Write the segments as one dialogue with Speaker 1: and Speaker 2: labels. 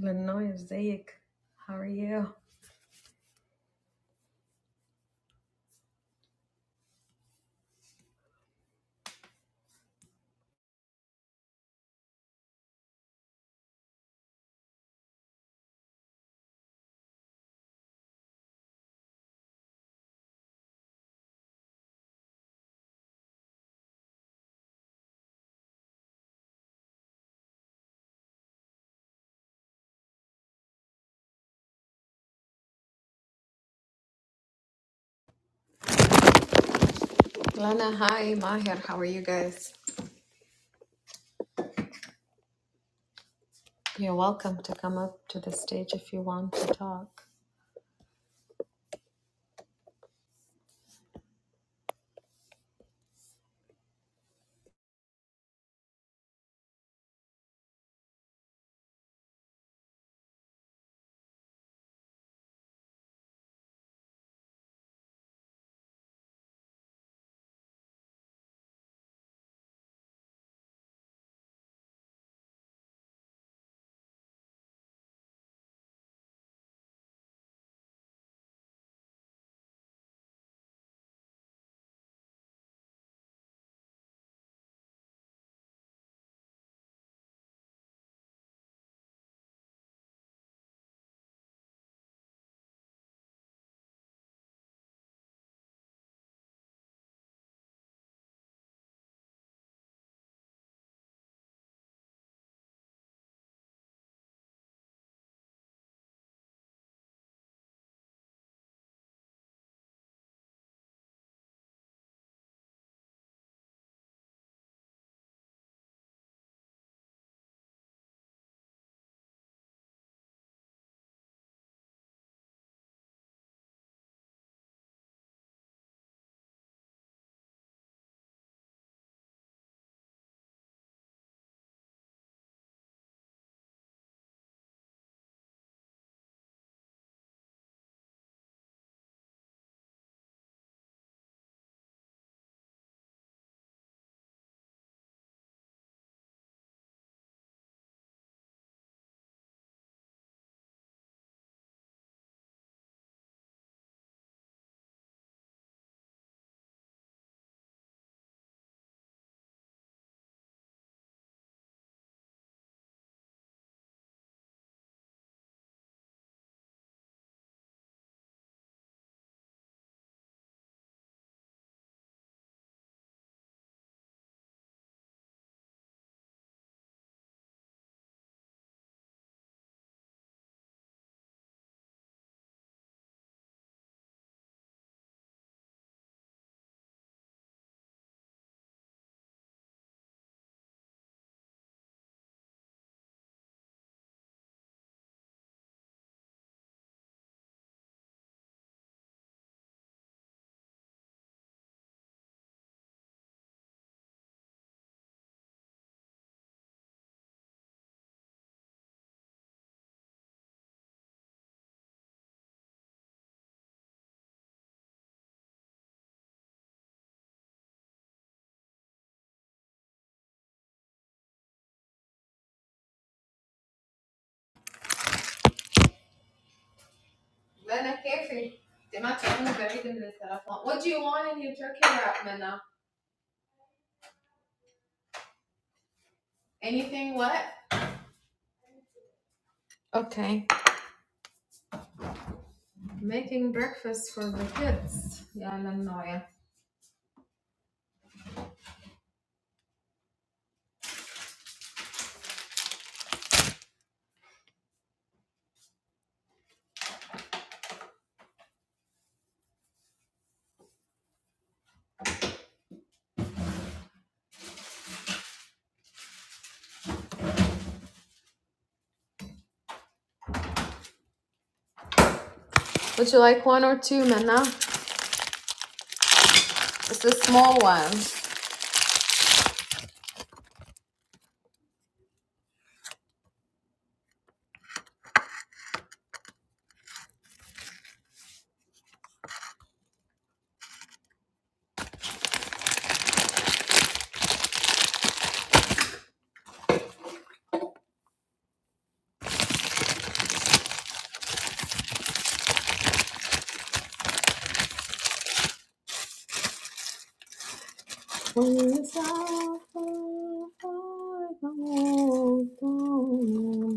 Speaker 1: Lanoy Zayek, how are you? Lana, hi. Maher, how are you guys? You're welcome to come up to the stage if you want to talk. لنا كيفي سمعت عني بعيد من التلفون What do you want in your turkey wrap منا? Anything what? Okay. Making breakfast for the kids. Yeah, Lanoy. Would you like one or two, Minna? It's a small one.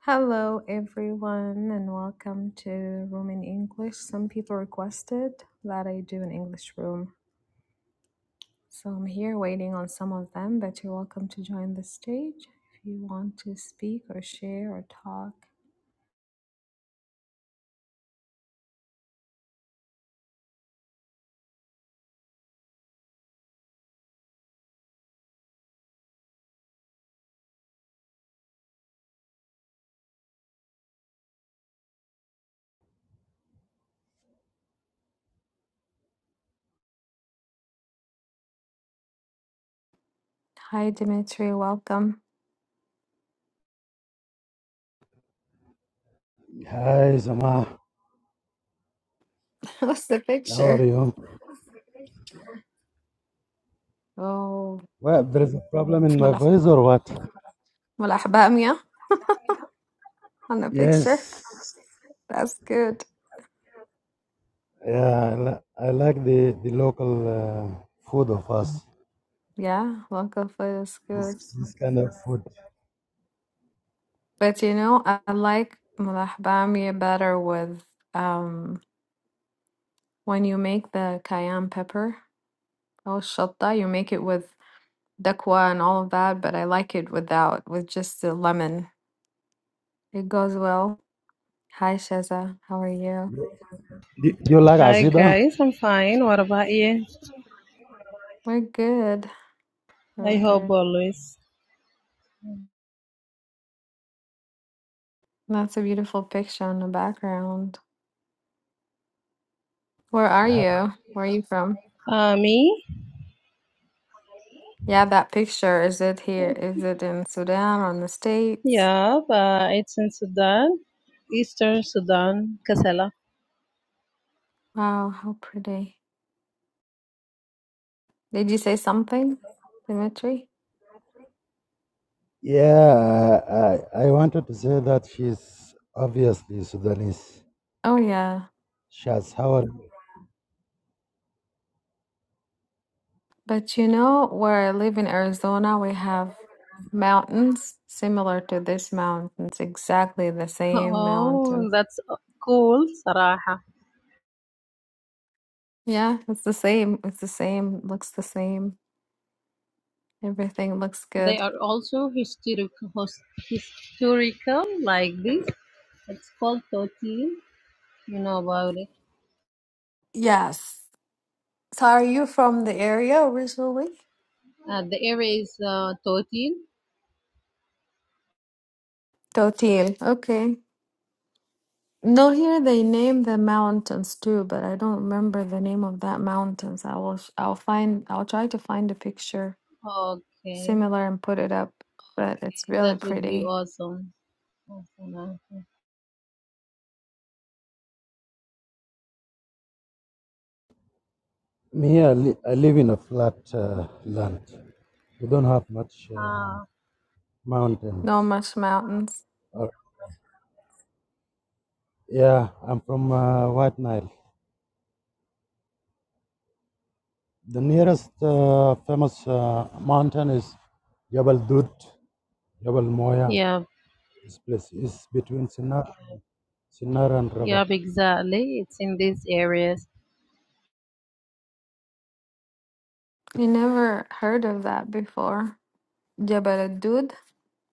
Speaker 1: Hello, everyone, and welcome to Room in English. Some people requested that I do an English room, so I'm here waiting on some of them. But you're welcome to join the stage if you want to speak or share or talk. Hi, Dimitri, welcome.
Speaker 2: Hi, Zama.
Speaker 1: What's the
Speaker 2: How are
Speaker 1: picture?
Speaker 2: you?
Speaker 1: Oh,
Speaker 2: Well, there is a problem in my
Speaker 1: Malak
Speaker 2: voice or what?
Speaker 1: Malakbamia on the picture.
Speaker 2: Yes.
Speaker 1: That's good.
Speaker 2: Yeah, I, li- I like the, the local uh, food of us.
Speaker 1: Yeah, local food is
Speaker 2: This,
Speaker 1: good.
Speaker 2: this kind of food.
Speaker 1: But you know, I like Malakbamia better with um when you make the cayenne pepper or shatta, you make it with dakwa and all of that, but I like it without, with just the lemon. It goes well. Hi, Sheza. How are you?
Speaker 2: Do, do you like
Speaker 3: Hi
Speaker 2: Azida?
Speaker 3: guys, I'm fine. What about you?
Speaker 1: We're good. We're
Speaker 3: I hope
Speaker 1: good.
Speaker 3: always.
Speaker 1: That's a beautiful picture on the background. Where are you? Where are you from?
Speaker 3: Uh, me?
Speaker 1: Yeah, that picture. Is it here? Is it in Sudan or in the States?
Speaker 3: Yeah, but it's in Sudan, Eastern Sudan, Kasala.
Speaker 1: Wow, how pretty. Did you say something, Dimitri?
Speaker 2: Yeah, I, I I wanted to say that she's obviously Sudanese.
Speaker 1: Oh, yeah.
Speaker 2: Shaz, how are you?
Speaker 1: But you know, where I live in Arizona, we have mountains similar to this mountains, exactly the same
Speaker 3: Oh,
Speaker 1: mountains.
Speaker 3: that's cool, Saraha.
Speaker 1: Yeah, it's the same. It's the same. Looks the same. Everything looks
Speaker 3: They
Speaker 1: good.
Speaker 3: are also historic, hos- historical like this. It's called Totin. You know about it.
Speaker 1: Yes. So are you from the area originally?
Speaker 3: Uh, the area is uh, Totin.
Speaker 1: Totil. Okay. No, here they name the mountains too, but I don't remember the name of that mountains. I will, sh- I'll find, I'll try to find a picture
Speaker 3: Okay,
Speaker 1: similar and put it up, but it's
Speaker 3: that
Speaker 1: really
Speaker 3: would be
Speaker 1: pretty.
Speaker 3: awesome. Awesome. awesome.
Speaker 2: Me, I, li- I live in a flat uh, land. We don't have much uh,
Speaker 3: Ah,
Speaker 1: No
Speaker 2: mountains.
Speaker 1: much mountains.
Speaker 2: Or, yeah, I'm from uh, White Nile. The nearest uh, famous uh, mountain is Jabal Dut, Jabal Moya.
Speaker 3: yeah,
Speaker 2: This place is between Sinar, Sinar and Rabak.
Speaker 3: Yeah, exactly. It's in these areas.
Speaker 1: You never heard of that before. Jabal ad-Dud,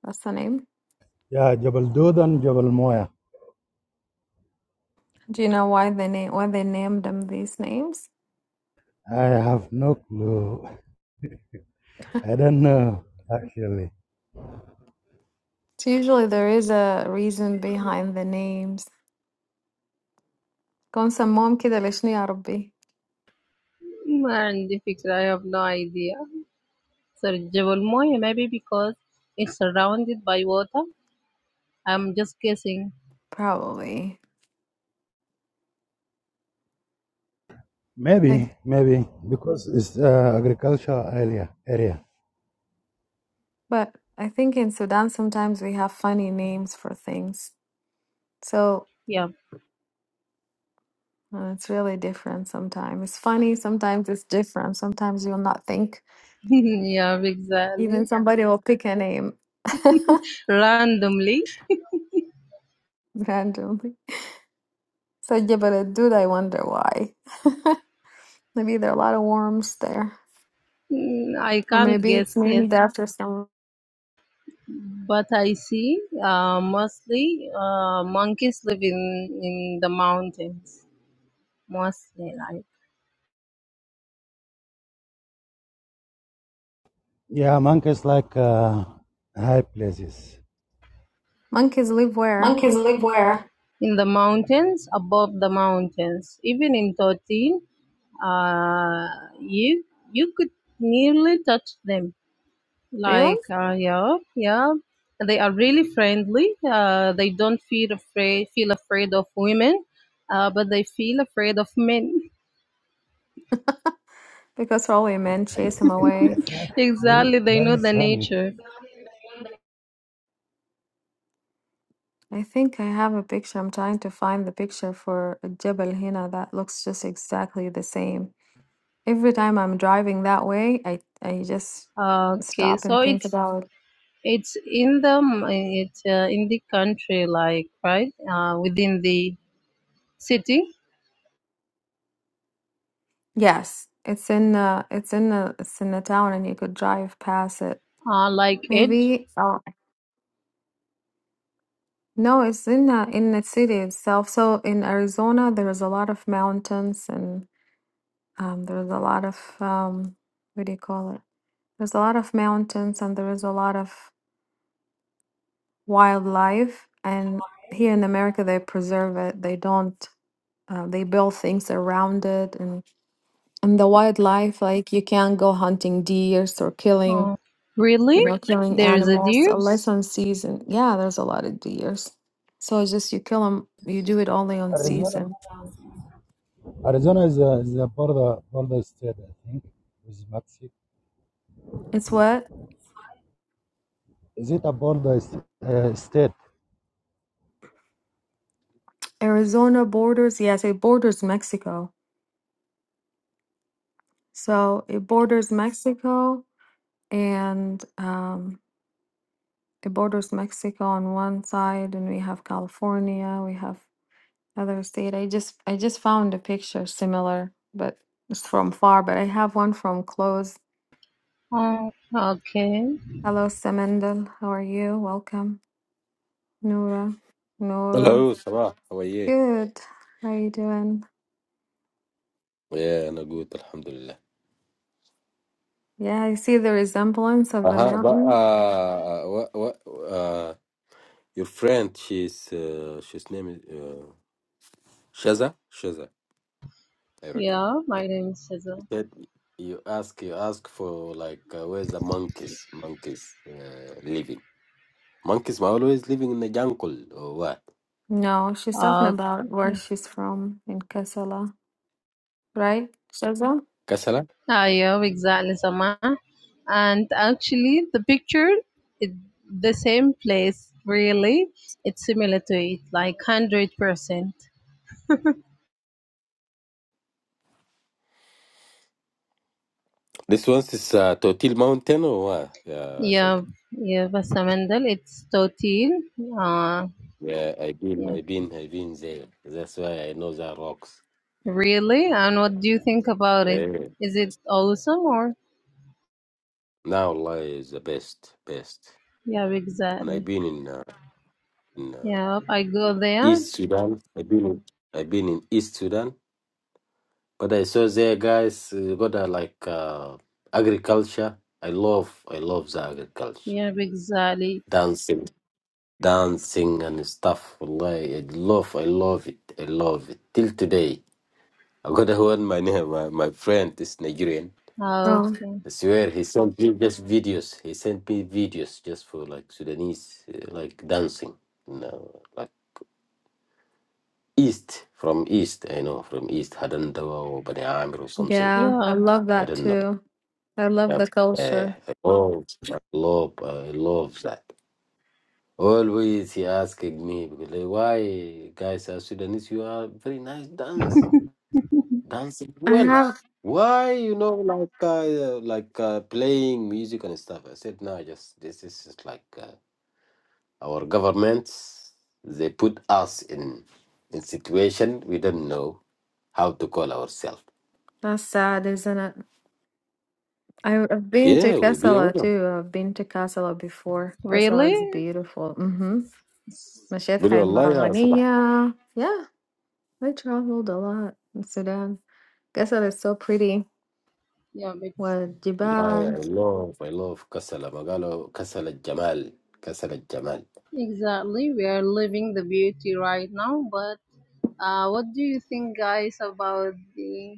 Speaker 1: that's the name.
Speaker 2: Yeah, Jabal Dut and Jabal Moya.
Speaker 1: Do you know why they name why they named them these names?
Speaker 2: I have no clue. I don't know actually.
Speaker 1: So usually there is a reason behind the names. كون سموهم كده ليش يا ربي?
Speaker 3: Man, the picture, I have no idea. Surgical Moya, maybe because it's surrounded by water. I'm just guessing.
Speaker 1: Probably. Like,
Speaker 2: Maybe, maybe because it's uh, agricultural area. Area.
Speaker 1: But I think in Sudan, sometimes we have funny names for things. So
Speaker 3: Yeah.
Speaker 1: uh, it's really different sometimes. It's funny, sometimes it's different. Sometimes you'll not think.
Speaker 3: Yeah,
Speaker 1: Even
Speaker 3: exactly.
Speaker 1: somebody will pick a name
Speaker 3: Randomly.
Speaker 1: randomly. So, yeah, but dude, I wonder why. maybe there are a lot of worms there.
Speaker 3: Mm, I
Speaker 1: Or
Speaker 3: can't
Speaker 1: maybe it's
Speaker 3: guess, yes.
Speaker 1: named after some
Speaker 3: But I see uh, mostly uh, monkeys live in, in the mountains. Mostly, right?
Speaker 2: Yeah, monkeys like uh, high places.
Speaker 1: monkeys live where?
Speaker 2: Monkeys live where?
Speaker 3: in the mountains, above the mountains. Even in 13, uh, you you could nearly touch them.
Speaker 1: Really?
Speaker 3: Like uh, yeah, yeah, they are really friendly. Uh, they don't feel afraid feel afraid of women, uh, but they feel afraid of men.
Speaker 1: Because probably men chase them away.
Speaker 2: that
Speaker 3: exactly,
Speaker 2: is
Speaker 3: they
Speaker 2: that
Speaker 3: know
Speaker 2: is
Speaker 3: the
Speaker 2: funny.
Speaker 3: nature.
Speaker 1: I think I have a picture. I'm trying to find the picture for Jebel Hina that looks just exactly the same. Every time I'm driving that way, I I just
Speaker 3: Uh, okay,
Speaker 1: stop and
Speaker 3: so
Speaker 1: think
Speaker 3: it's
Speaker 1: about it.
Speaker 3: it's in the it's uh, in the country, like right uh, within the city,
Speaker 1: Yes, it's in uh it's in a it's in a town and you could drive past it.
Speaker 3: uh, like Edge.
Speaker 1: Maybe oh no, it's in uh, in the city itself. So in Arizona, there is a lot of mountains and um there's a lot of um what do you call it? There's a lot of mountains and there is a lot of wildlife and here in america they preserve it they don't uh, they build things around it and and the wildlife like you can't go hunting deers or killing
Speaker 3: Oh, really?
Speaker 1: you know killing
Speaker 3: There's a
Speaker 1: animals
Speaker 3: deers?
Speaker 1: unless on season yeah there's a lot of deers so it's just you kill them you do it only on
Speaker 2: Arizona.
Speaker 1: season
Speaker 2: Arizona is a, is a border border state, I think, with Mexico.
Speaker 1: it's what
Speaker 2: Is it a border s- uh, state?
Speaker 1: arizona borders yes it borders mexico so it borders mexico and um. it borders Mexico on one side and we have California, we have other state. I just I just found a picture similar, but it's from far, but I have one from close.
Speaker 3: Oh, okay.
Speaker 1: Hello Samendel, how are you? Welcome. Nora. Nora.
Speaker 4: Hello, Sabah. How are you?
Speaker 1: Good. How are you doing?
Speaker 4: Yeah, no good, Alhamdulillah.
Speaker 1: Yeah, I see the resemblance of the
Speaker 4: Uh-huh, but
Speaker 1: mountain.
Speaker 4: uh, uh, what, what, uh, your friend, she's, uh, she's name is uh, Shaza. Shaza, I reckon.
Speaker 3: Yeah, my name is Cesar.
Speaker 4: He said you ask, you ask for like uh, where's the monkeys, monkeys uh, living. Monkeys are always living in the jungle or what?
Speaker 1: No, she's talking
Speaker 3: Uh,
Speaker 1: about where
Speaker 3: okay.
Speaker 1: she's from in Kassala, right? Shaza?
Speaker 4: Kasala.
Speaker 3: Ah, yeah, exactly, Sama. And actually, the picture, it, the same place, really. It's similar to it, like 100%.
Speaker 4: This one is uh, Totil Mountain or what? Yeah, Shaza.
Speaker 3: Yeah, yeah, Vasamandal, it's 13. Uh,
Speaker 4: Yeah, I've been,
Speaker 3: yeah,
Speaker 4: I've been, I've been there. That's why I know the rocks.
Speaker 3: really? And what do you think about it?
Speaker 4: Yeah.
Speaker 3: Is it awesome or?
Speaker 4: Now Allah is the best, best.
Speaker 3: Yeah,
Speaker 4: And I've
Speaker 3: exactly.
Speaker 4: been in uh, in uh,
Speaker 3: Yeah, I go there
Speaker 4: East Sudan. I've been in, I've been in East Sudan, but I saw there guys uh, got uh, like uh, agriculture. I love I love the agriculture,
Speaker 3: Yeah, exactly.
Speaker 4: dancing, dancing and stuff. Allah, I love I love it. I love it till today. I got one my name, my, my friend is Nigerian.
Speaker 3: Ah,
Speaker 1: Oh,
Speaker 3: Okay.
Speaker 4: I swear, he sent me just videos. He sent me videos just for like Sudanese, uh, like dancing. No, like East, from East, I know, from East, Hadandawa or Bani Amir or something.
Speaker 1: yeah, I
Speaker 3: Yeah,
Speaker 1: love
Speaker 4: I
Speaker 1: that
Speaker 4: don't know.
Speaker 1: too. I love the
Speaker 4: Yep. Uh,
Speaker 1: culture.
Speaker 4: I love, I love, I love that. Always he asking me, because like, why guys are Sudanese, you are very nice dance, dancing
Speaker 1: I
Speaker 4: well.
Speaker 1: have.
Speaker 4: Why, you know, like uh, like uh, playing music and stuff. I said, no, just this is just like. Uh, Our governments they put us in in situation we don't know how to call ourselves.
Speaker 1: That's sad, isn't it? I- I've been to
Speaker 4: Yeah, we be
Speaker 1: Casala
Speaker 4: honest.
Speaker 1: too. I've been to Casala before. Casala
Speaker 3: really?
Speaker 1: is beautiful. Mm-hmm.
Speaker 3: It's-
Speaker 1: مشيت
Speaker 4: بقول
Speaker 1: حي
Speaker 4: والله يا صباح
Speaker 1: المرغنية. Yeah, I traveled a lot in Sudan. Casala is so pretty.
Speaker 3: yeah, it's
Speaker 4: والله I
Speaker 1: والجبال.
Speaker 4: love I love كسل ما قالوا كسل الجمال كسل الجمال.
Speaker 3: exactly. We are living the beauty right now, but uh, what do you think, guys, about the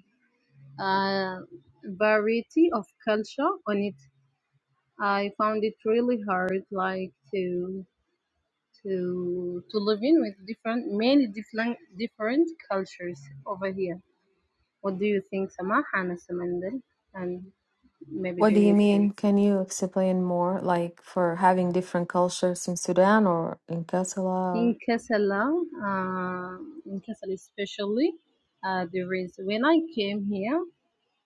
Speaker 3: uh, variety of culture on it? I found it really hard, like to to to live in with different, many different different cultures over here. What do you think, Samah, Hannah, Samandel, and maybe
Speaker 1: What do you mean?
Speaker 3: Dimitri?
Speaker 1: Can you explain more? Like for having different cultures in Sudan or in Casala? Or...
Speaker 3: in Kassala, uh, in Kassala especially, uh, there is when I came here,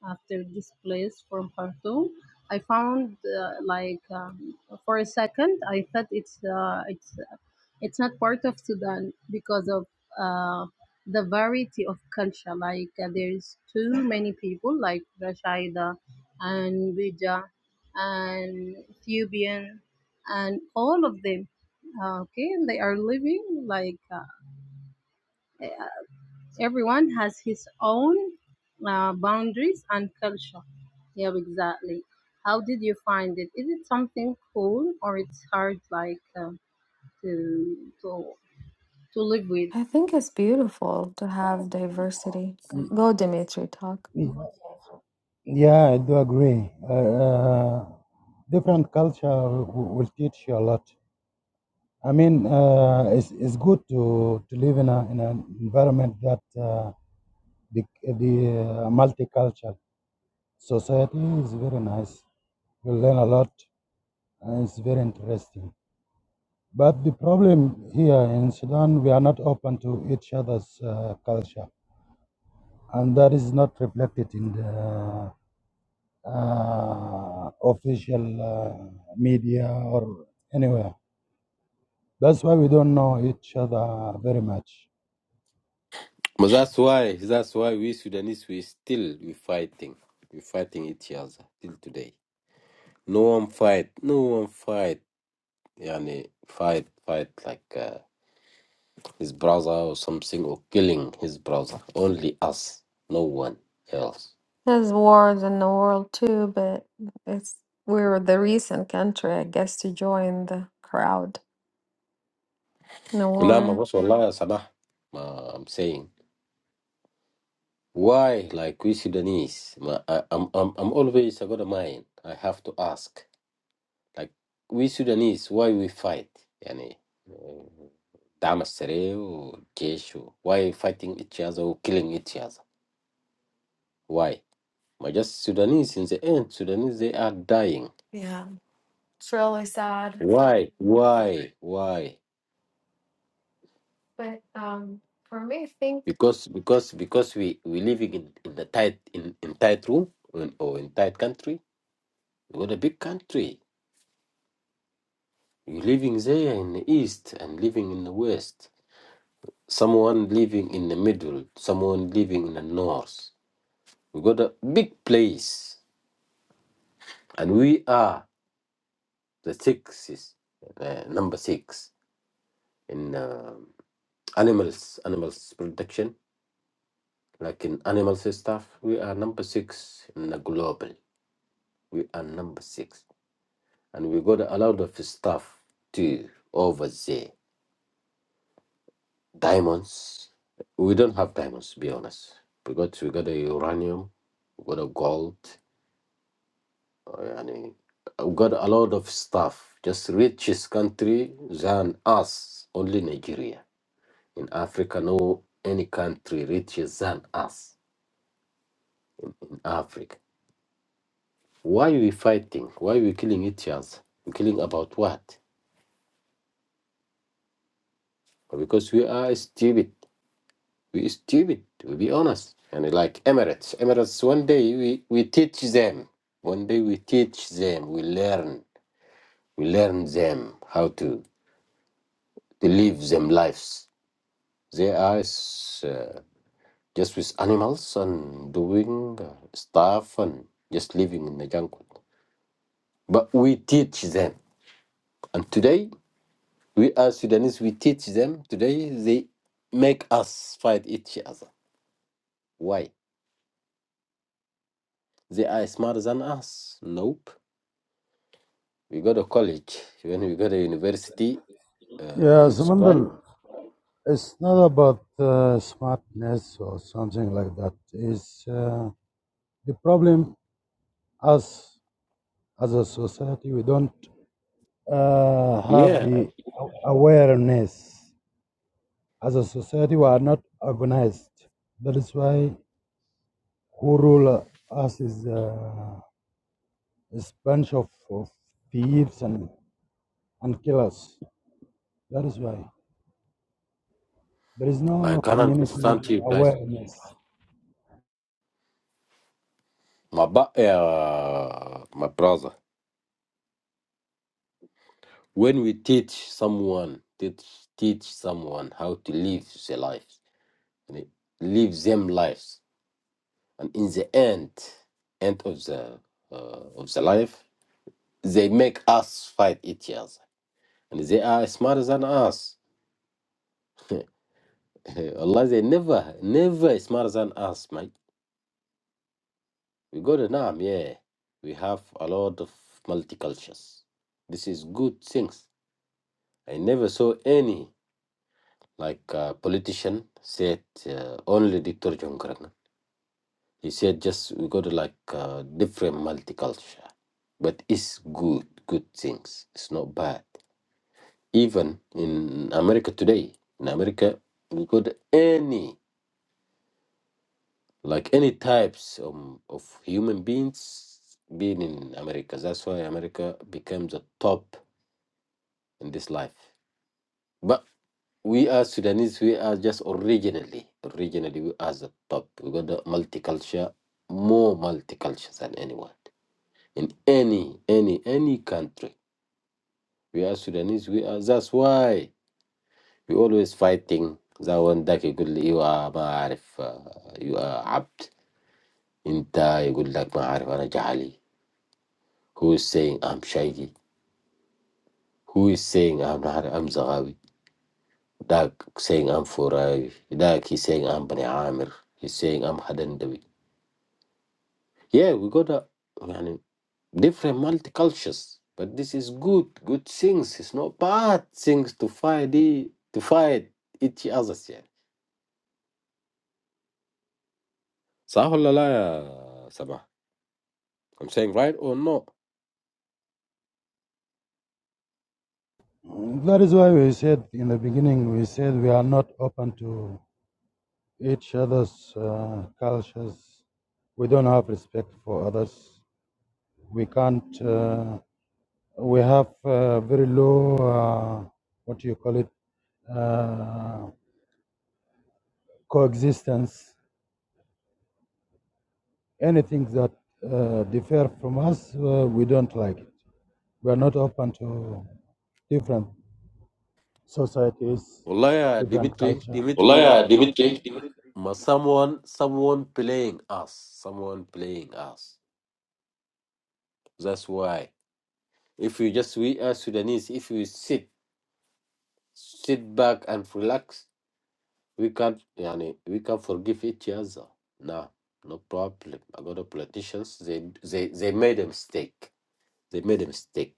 Speaker 3: after displaced from Khartoum. I found uh, like um, for a second I thought it's uh, it's it's not part of Sudan because of uh, the variety of culture. Like uh, there's too many people like Rashaida and Bija and Ethiopian and all of them. Uh, okay, they are living like. Uh, everyone has his own uh, boundaries and culture. Yeah, exactly. How did you find it? Is it something cool or it's hard, like uh, to to to live with?
Speaker 1: I think it's beautiful to have diversity. Go, Dimitri, talk.
Speaker 2: Yeah, I do agree. Uh, uh, different culture will, will teach you a lot. I mean, uh, it's, it's good to, to live in, a, in an environment that uh, the, the uh, multicultural society is very nice. You learn a lot, and it's very interesting. But the problem here in Sudan, we are not open to each other's uh, culture, and that is not reflected in the uh, official uh, media or anywhere. That's why we don't know each other very much.
Speaker 4: But that's why that's why we Sudanese we still we fighting we fighting each other till today. No one fight no one fight يعني fight fight like uh, his brother or something or killing his brother. Only us, no one else.
Speaker 1: There's wars in the world too, but it's we were the recent country, I guess, to join the crowd in a
Speaker 4: نعم
Speaker 1: war.
Speaker 4: بس والله يا صلاح ما I'm saying why like we Sudanese ما- I, I'm, I'm, I'm always I got a mind I have to ask like we Sudanese why we fight يعني uh, دعم السريع والجيش و- why fighting each other or killing each other why ما just Sudanese in the end Sudanese they are dying
Speaker 1: Yeah, it's really sad.
Speaker 4: why why why
Speaker 1: But um, for me, I think.
Speaker 4: because because because we we living in, in the tight in, in tight room or in, or in tight country we got a big country you living there in the east and living in the west someone living in the middle someone living in the north we got a big place and we are the sixes uh, number six in uh, animals animals production like in animals and stuff we are number six in the global we are number six and we got a lot of stuff too over there. Diamonds. We don't have diamonds, to be honest. We got we got a uranium, we got a gold, uh, and uh, we got a lot of stuff. Just richest country than us, only Nigeria. In Africa, no any country richer than us in Africa. Why we fighting? Why we killing each other? we killing about what? Because we are stupid we stupid to be honest and like emirates emirates one day we, we teach them one day we teach them we learn we learn them how to, to live them lives they are uh, just with animals and doing uh, stuff and just living in the jungle but we teach them and today we as sudanese we teach them today they make us fight each other why they are smarter than us nope We got a college, even we got a university uh,
Speaker 2: Yeah,
Speaker 4: in Sudan.
Speaker 2: Samandal, it's not about uh, smartness or something like that. It's uh, the problem as as a society, we don't uh, have
Speaker 4: Yeah,
Speaker 2: the awareness As a society, we are not organized. That is why who rule us is uh, is bunch of, of thieves and, and killers. That is why there is
Speaker 4: I
Speaker 2: no
Speaker 4: can
Speaker 2: community
Speaker 4: understand you guys.
Speaker 2: awareness.
Speaker 4: My ba- uh, my brother, when we teach someone, teach teach someone how to live their life, and it- live them lives, and in the end, end of the uh, of the life, they make us fight each other, and they are smarter than us. Allah, they never never smarter than us, man We go to Nam, yeah. We have a lot of multicultures. This is good things. I never saw any like uh, politician said uh, only Dr. John Garang. He said just we go to like uh, different multiculture, but it's good, good things. It's not bad. Even in America today, in America, we got any like any types um, of human beings being in America. That's why America becomes the top in this life. But we are Sudanese, we are just originally, originally we are the top. We got the multicultural, more multicultural than anyone in any, any, any country. We are Sudanese. We are. That's why we always fighting. ذا وين ذاك يقول لي ايوه ما اعرف uh, you are عبد انت يقول لك ما اعرف انا جعلي who is saying I'm shaggy who is saying I'm not I'm Zagawi Dak saying I'm Furai. Dak he's saying I'm Bani Amir. He's saying I'm Hadandawi. Yeah, we got a yani, different multicultures, but this is good, good things. It's not bad things to fight the, to fight each others. Yeah. صح ولا لا يا سبع? I'm saying right or no?
Speaker 2: That is why we said in the beginning, we said we are not open to each other's uh, cultures. We don't have respect for others. We can't uh, We have uh, very low, uh, what do you call it, uh, coexistence. Anything that uh, differ from us, uh, we don't like it. We are not open to different societies,
Speaker 4: والله يا
Speaker 2: different
Speaker 4: Dimitri,
Speaker 2: culture.
Speaker 4: Dimitri, لا. ما someone, someone playing us, someone playing us. That's why. If you just we are Sudanese, if you sit sit back and relax. We can't, yani, we can forgive each other. Nah, no problem. I got the politicians. They, they, they made a mistake. They made a mistake.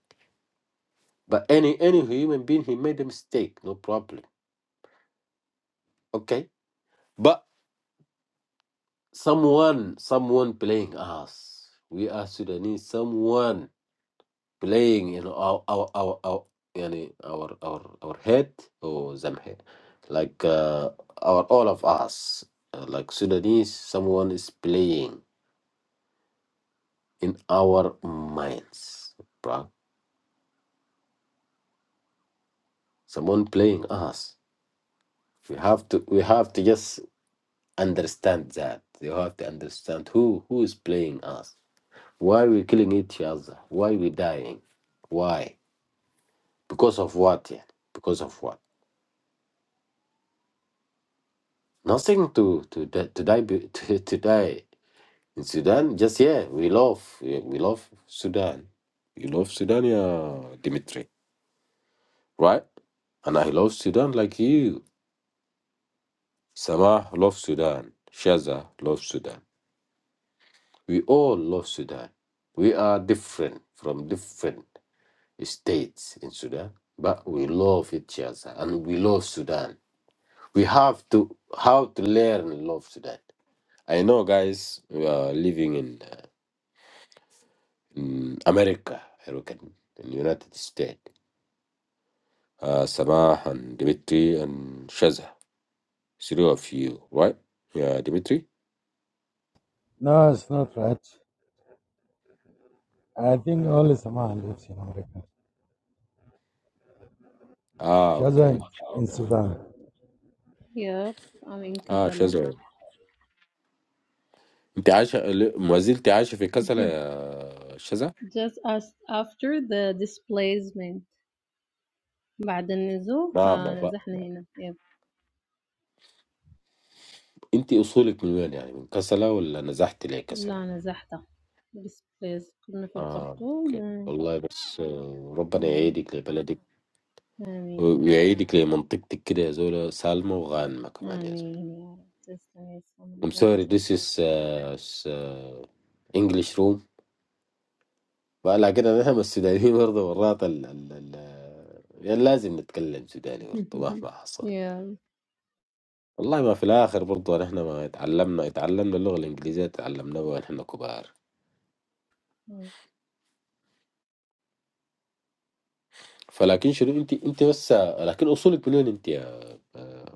Speaker 4: But any, any human being, he made a mistake. No problem. Okay. But someone, someone playing us. We are Sudanese. Someone playing you know our our our, our yani our our our head or zamhe like uh, our all of us uh, like Sudanese someone is playing in our minds bruh. someone playing us we have to we have to just understand that you have to understand who who is playing us why we killing each other why we dying why because of what yeah because of what nothing to to di- to die be- to, to die in Sudan, just yeah, we love we, we love Sudan. You love Sudan, yeah, Dimitri, right? And I love Sudan like you. Samah love Sudan. Shaza love Sudan. We all love Sudan. We are different from different states in Sudan, but we love each other and we love Sudan. We have to how to learn and love Sudan. I know, guys, we are living in, uh, in America, I reckon, in United States. uh, Sabah and Dimitri and Shaza. Three of you, right? Yeah, Dimitri.
Speaker 2: No, it's not right. I think only Samah lives in America.
Speaker 4: Ah,
Speaker 2: She was in
Speaker 4: okay.
Speaker 2: in Sudan.
Speaker 3: Yep, I'm in
Speaker 4: Ah,
Speaker 3: Casablanca.
Speaker 4: Shaza. أنت عايشة ل- ما زلت عايشة في كسلة يا شذا؟
Speaker 3: Just as after the displacement بعد النزوح
Speaker 4: ما ما
Speaker 3: آه،
Speaker 4: بقى.
Speaker 3: نزحنا هنا يب
Speaker 4: أنت أصولك من وين يعني؟ من كسلة ولا نزحت لكسلة؟
Speaker 3: لا نزحت displaced كنا في
Speaker 4: آه
Speaker 3: الخرطوم
Speaker 4: أوكي
Speaker 3: آه،
Speaker 4: والله بس آه، ربنا يعيدك لبلدك
Speaker 3: آمين يا رب
Speaker 4: ويعيدك لمنطقتك كده يا زول سالمة وغانمة كمان يا زول.
Speaker 3: آمين يا رب تسلم يا
Speaker 4: I'm
Speaker 3: سلام
Speaker 4: sorry this is uh, s- uh, English room بقى لكن نحن السودانيين برضه مرات ال ال ال يعني لازم نتكلم سوداني برضه مهما حصل
Speaker 3: yeah.
Speaker 4: والله ما في الآخر برضه نحن ما اتعلمنا اتعلمنا اللغة الإنجليزية تعلمناها ونحن كبار فلكن شنو أنت أنت بس لكن أصولك منين أنت يا آه،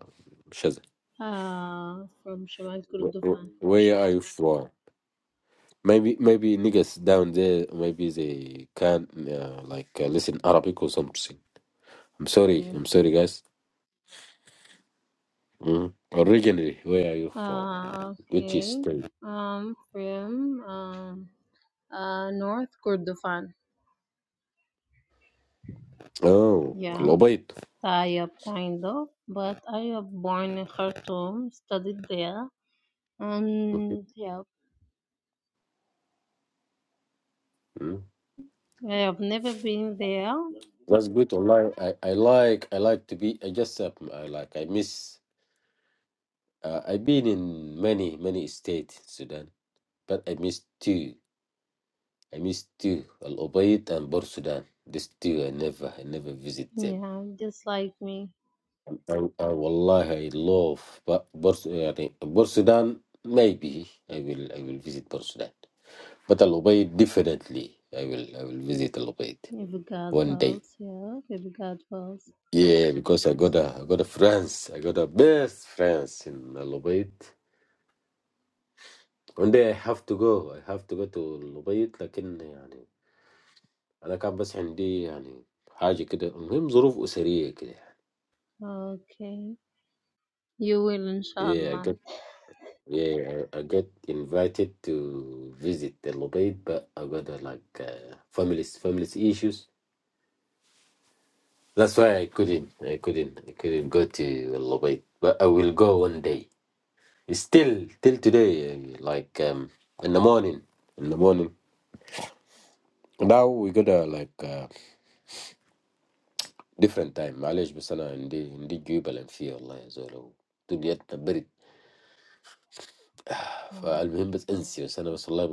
Speaker 4: شذا
Speaker 3: Uh, from Shamal Kurdufan.
Speaker 4: where are you from maybe maybe niggas down there maybe they can uh, like uh, listen Arabic or something I'm sorry
Speaker 3: Mm.
Speaker 4: I'm sorry guys mm. originally where are you from
Speaker 3: Uh,
Speaker 4: which is
Speaker 3: okay.
Speaker 4: state?
Speaker 3: Um, from um, uh, North Kurdufan.
Speaker 4: Oh,
Speaker 3: Yeah,
Speaker 4: Lobait.
Speaker 3: Tayyab, kind of. But I was born in Khartoum, studied there, and yeah,
Speaker 4: Mm.
Speaker 3: I have never been there.
Speaker 4: That's good online. I, I like I like to be I just uh, I like I miss uh, I've been in many many states Sudan, but I miss two. I miss two Al Ubaid and Bor Sudan. These two I never I never visit them.
Speaker 3: Yeah, just like me.
Speaker 4: And, and wallahi I love but Bor uh, Bor Sudan maybe I will I will visit Bor Sudan. But Al Ubaid definitely I will I will visit Al Ubaid
Speaker 3: If God
Speaker 4: one day.
Speaker 3: wills, yeah, if God wills.
Speaker 4: Yeah, because I got a I got a friends. I got a best friends in Lubait. One day I have to go. I have to go to Lubait لكن يعني أنا كان بس عندي يعني حاجة كده المهم ظروف أسرية كده.
Speaker 3: Okay, you will,
Speaker 4: Yeah, I
Speaker 3: inshallah.
Speaker 4: got yeah I I got invited to visit the Lubait but I got uh, like uh, family family issues. That's why I couldn't I couldn't I couldn't go to Lubait but I will go one day. It's Still till today, uh, like um, in the morning. In the morning now we got a like uh, different time. I left Besana and did and did Jubbalin. Fear Allah zolo dunya ta birid. Ah, the
Speaker 3: Mm.
Speaker 4: most important thing is Besana. Bes Allah,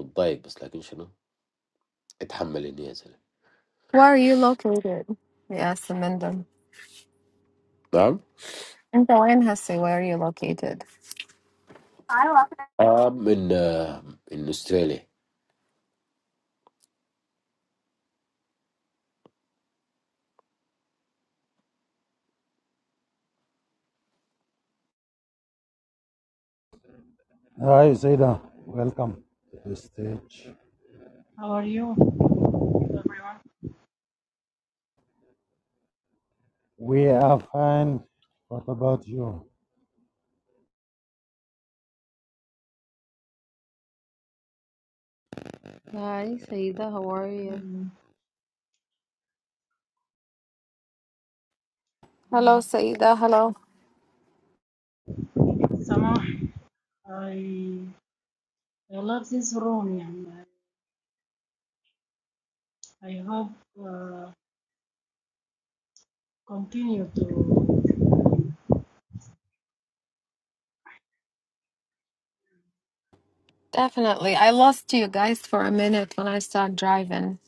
Speaker 1: Where are you located? Yes, i And in them. Wayne Hussey, where are you located? I love it.
Speaker 2: Hi, Saida. Welcome to the stage.
Speaker 5: How are you, everyone?
Speaker 2: We are fine. What about you?
Speaker 3: Hi, Saida, how are you?
Speaker 5: Mm,
Speaker 1: Hello,
Speaker 5: um,
Speaker 1: Saida. Hello.
Speaker 5: Samah, I, I love this room, and I, I hope uh, continue to.
Speaker 1: Definitely. I lost you guys for a minute when I started driving.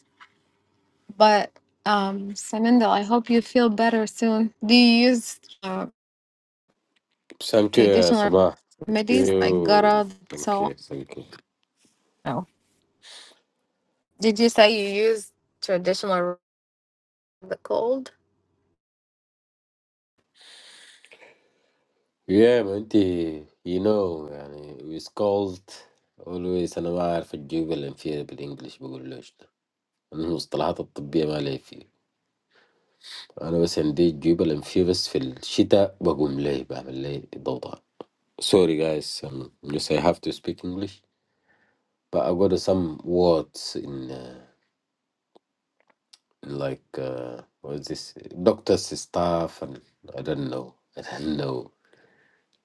Speaker 1: But um Samindal, I hope you feel better soon. Do you use uh, traditional remedies like gutters,
Speaker 4: not
Speaker 1: so on?
Speaker 4: tight, but.
Speaker 1: No. Did you say you use traditional re- the cold?
Speaker 4: Yeah, man, the- you know, يعني it's called always أنا ما أعرف الجيوب الأنفية بالإنجلش بقول له شنو أنا المصطلحات الطبية ما لي فيه أنا بس عندي الجيوب الأنفية بس في الشتاء بقوم لي بعمل لي ضوضاء Sorry guys, um, just I have to speak English but I got some words in, uh, in like uh, what is this doctor's stuff and I don't know I don't know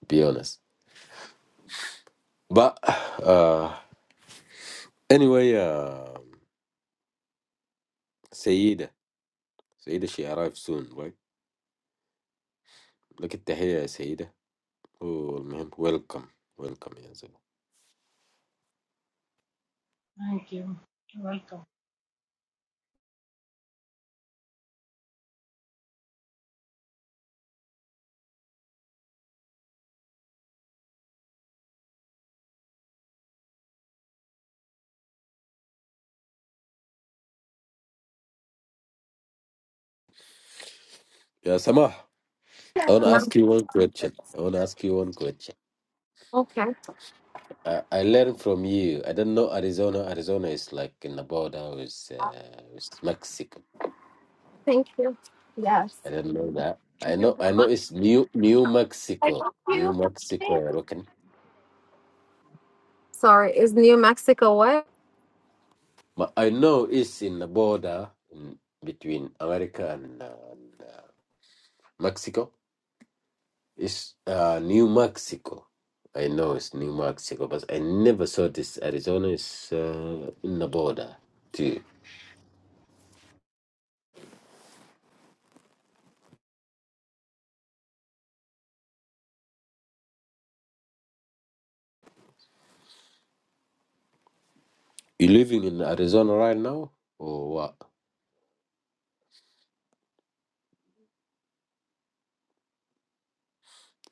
Speaker 4: be honest but uh, anyway uh, سيدة سيدة she arrived soon right لك التحية يا سيدة والمهم welcome welcome يا زلمة
Speaker 5: Thank you. Welcome.
Speaker 4: يا سماح I want to
Speaker 1: No.
Speaker 4: ask you one question. I want to ask you one question.
Speaker 1: Okay.
Speaker 4: I, I learned from you. I don't know Arizona. Arizona is like in the border with, uh, with Mexico.
Speaker 1: Thank you. Yes.
Speaker 4: I don't know that. I know. I know it's New New
Speaker 1: I
Speaker 4: Mexico.
Speaker 1: hope
Speaker 4: New
Speaker 1: you.
Speaker 4: Mexico. I reckon.
Speaker 1: Sorry, is New Mexico wet?
Speaker 4: But I know it's in the border in, between America and, uh, and uh, Mexico. It's uh, New Mexico. I know it's New Mexico, but I never saw this. Arizona is uh, in the border too. You living in Arizona right now, or what?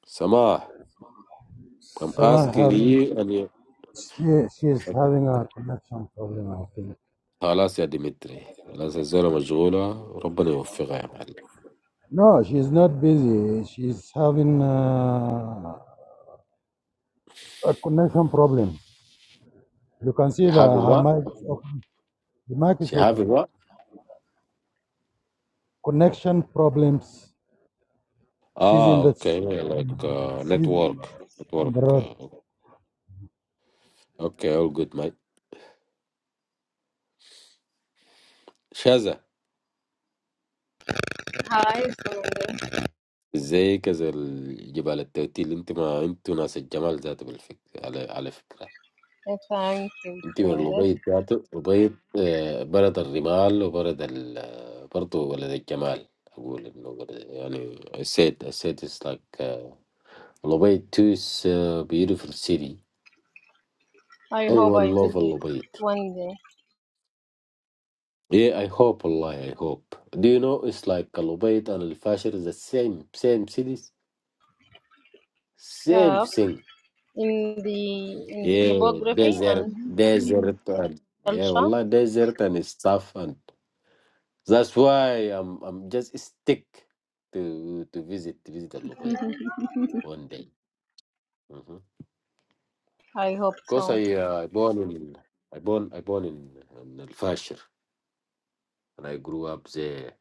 Speaker 4: Samah, I'm asking
Speaker 2: Samah,
Speaker 4: you and you.
Speaker 2: She, she's having a connection problem, I think.
Speaker 4: خلاص يا ديمتري خلاص الزولة مشغولة ربنا يوفقها يا معلم
Speaker 2: No, she's not busy. She's having uh, a connection problem. You can see
Speaker 4: you
Speaker 2: that
Speaker 4: having
Speaker 2: her
Speaker 4: what
Speaker 2: mic is open. The mic is
Speaker 4: she having
Speaker 2: open.
Speaker 4: what
Speaker 2: Connection problems. She's
Speaker 4: ah
Speaker 2: in the
Speaker 4: okay
Speaker 2: she's
Speaker 4: like uh,
Speaker 2: in
Speaker 4: network network
Speaker 2: the road.
Speaker 4: uh, okay all good mate Shaza
Speaker 3: Hi, Sundar.
Speaker 4: Zayk as the Jabal Toubat. Intima, inti una se Jamal zate belfik. Ale ale fikra.
Speaker 3: Yeah, thank you,
Speaker 4: Inti mal
Speaker 3: Sundar.
Speaker 4: Lubaid zate Lubaid. Eh, bara dal Rimalo, bara dal. Porto, bara dal Jamal. I gull Lubaid. I said, I said it's like Lubaid too is a beautiful city.
Speaker 3: I hope
Speaker 4: Anyone
Speaker 3: I
Speaker 4: love
Speaker 3: visit
Speaker 4: Lubaid?
Speaker 3: one day.
Speaker 4: Yeah, I hope Allah. I hope. Do you know it's like Lubaid and Al Fasher is the same, same cities, same
Speaker 3: Yeah,
Speaker 4: thing.
Speaker 3: in the in the
Speaker 4: Yeah,
Speaker 3: topography
Speaker 4: desert,
Speaker 3: and
Speaker 5: Mhm. See you.
Speaker 4: desert, and yeah,
Speaker 3: culture,
Speaker 4: wallah, desert and it's tough, and that's why I'm I'm just stick to to visit to visit Al Luwait one day. hmm
Speaker 3: I hope so.
Speaker 4: Because I uh, I born in I born I born in, in Al Fasher and I grew up there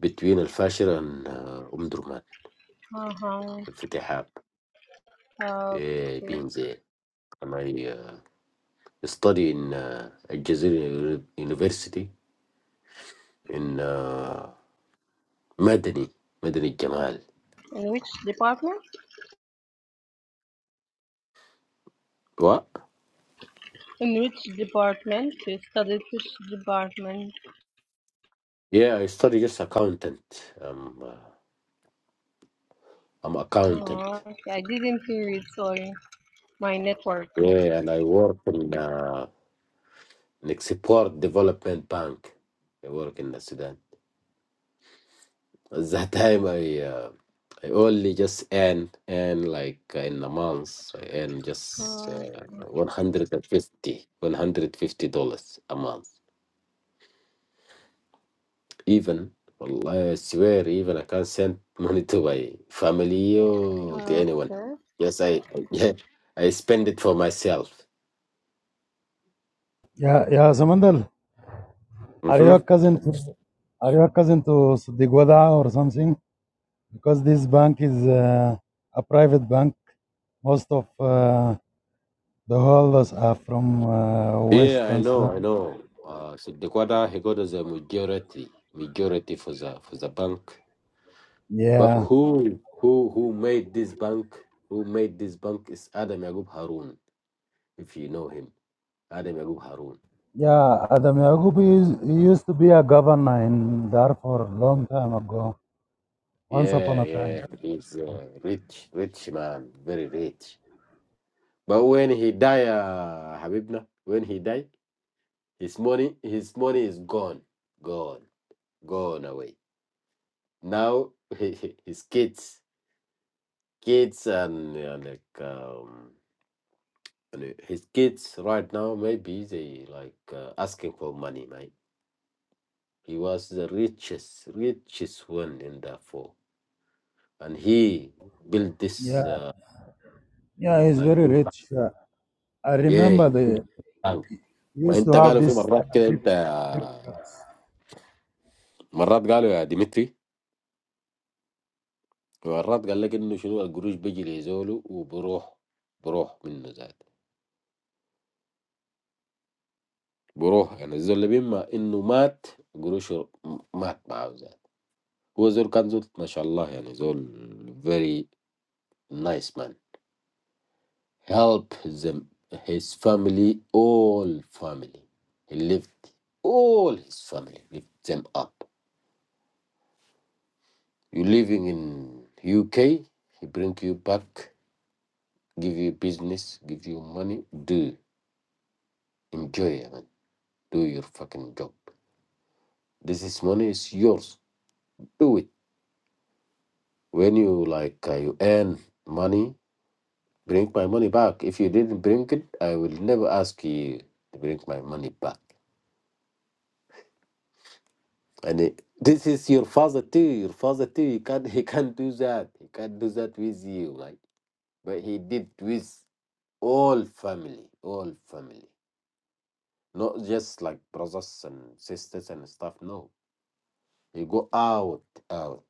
Speaker 4: between Al Fasher and uh, Umm Durman,
Speaker 3: Uh-huh.
Speaker 4: Al Fitihab, yeah,
Speaker 3: Okay.
Speaker 4: being there, and I uh, study in uh, Al Jazeera University in uh, Madani. مدني الجمال
Speaker 3: In which department?
Speaker 4: What?
Speaker 3: In which department? You studied which department?
Speaker 4: Yeah, I study just accountant. Um, uh, I'm
Speaker 3: Oh,
Speaker 4: accountant.
Speaker 3: okay. I didn't hear it. Sorry, my network.
Speaker 4: Yeah, and I work in uh, an export development bank. I work in the Sudan. At that time, I uh, I only just earn earn like uh, in a month. I earn just
Speaker 3: Uh,
Speaker 4: uh, 150 dollars a month. even Allah, I swear even I can not send money to my family or to anyone.
Speaker 3: okay.
Speaker 4: Yes, I yeah, I spend it for myself.
Speaker 2: Yeah, yeah, Samandal. Are you
Speaker 4: hmm
Speaker 2: a cousin to are you a cousin to Sudigwada or something? Because this bank is uh, a private bank. Most of uh, The holders are from uh,
Speaker 4: Yeah, I
Speaker 2: Western
Speaker 4: know, I
Speaker 2: Sudan.
Speaker 4: know. Uh, so the quarter he got as a majority, majority for the for the bank. But
Speaker 2: Yeah.
Speaker 4: who who who made this bank? Who made this bank is Adam Yagub Harun, if you know him. Adam Yagub Harun.
Speaker 2: Yeah, Adam Yagubi is, he used to be a governor in Darfur a long time ago, once upon
Speaker 4: Yeah,
Speaker 2: a time.
Speaker 4: yeah, he's a rich, rich man, very rich. But when he die, uh, Habibna, when he die, his money, his money is gone, gone, gone away. Now his kids, kids, and uh, like um, and his kids right now maybe they like uh, asking for money, right? He was the richest, richest one in the four, and he built this
Speaker 2: Yeah,
Speaker 4: uh,
Speaker 2: yeah, he's
Speaker 4: like
Speaker 2: very rich. Uh, I
Speaker 4: yeah,
Speaker 2: remember
Speaker 4: he
Speaker 2: they
Speaker 4: built. bank. ما
Speaker 2: used to
Speaker 4: انت
Speaker 2: have
Speaker 4: قالوا في
Speaker 2: this. uh,
Speaker 4: مرات كده
Speaker 2: big-
Speaker 4: انت
Speaker 2: big house.
Speaker 4: مرات قالوا يا ديمتري مرات قال لك انه شنو القروش بيجي لزوله وبروح بروح منه ذات بروح يعني الزول اللي بيما انه مات قروشه مات معاه ذات هو زول كان زول ما شاء الله يعني زول very nice man help them his family all family he lived all his family lift them up you living in UK he bring you back give you business give you money do enjoy man do your fucking job This is money is yours. Do it. When you like uh, you earn money, bring my money back. If you didn't bring it, I will never ask you to bring my money back. And it, this is your father too. Your father too. He can't he can't do that. He can't do that with you, like. But he did with all family, all family. Not just like brothers and sisters and stuff. No, you go out, out.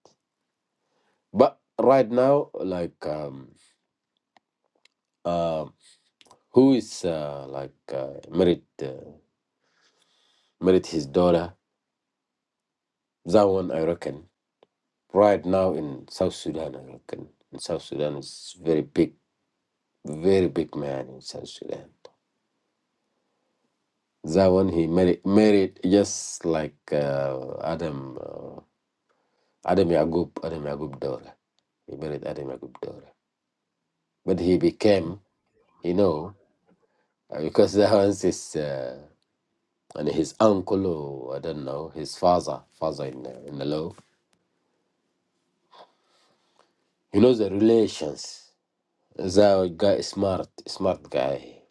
Speaker 4: But right now, like um um, who is uh, like uh, married uh, married his daughter. That one I reckon right now in South Sudan. I reckon in South Sudan is very big, very big man in South Sudan. That one he married married just like uh, Adam uh, Adam Yagub Adam Yagub daughter. He married Adam Yagub daughter, but he became you know uh, because that one's his uh, and his uncle or I don't know his father father in the, in the law. You know the relations. The guy smart, smart guy.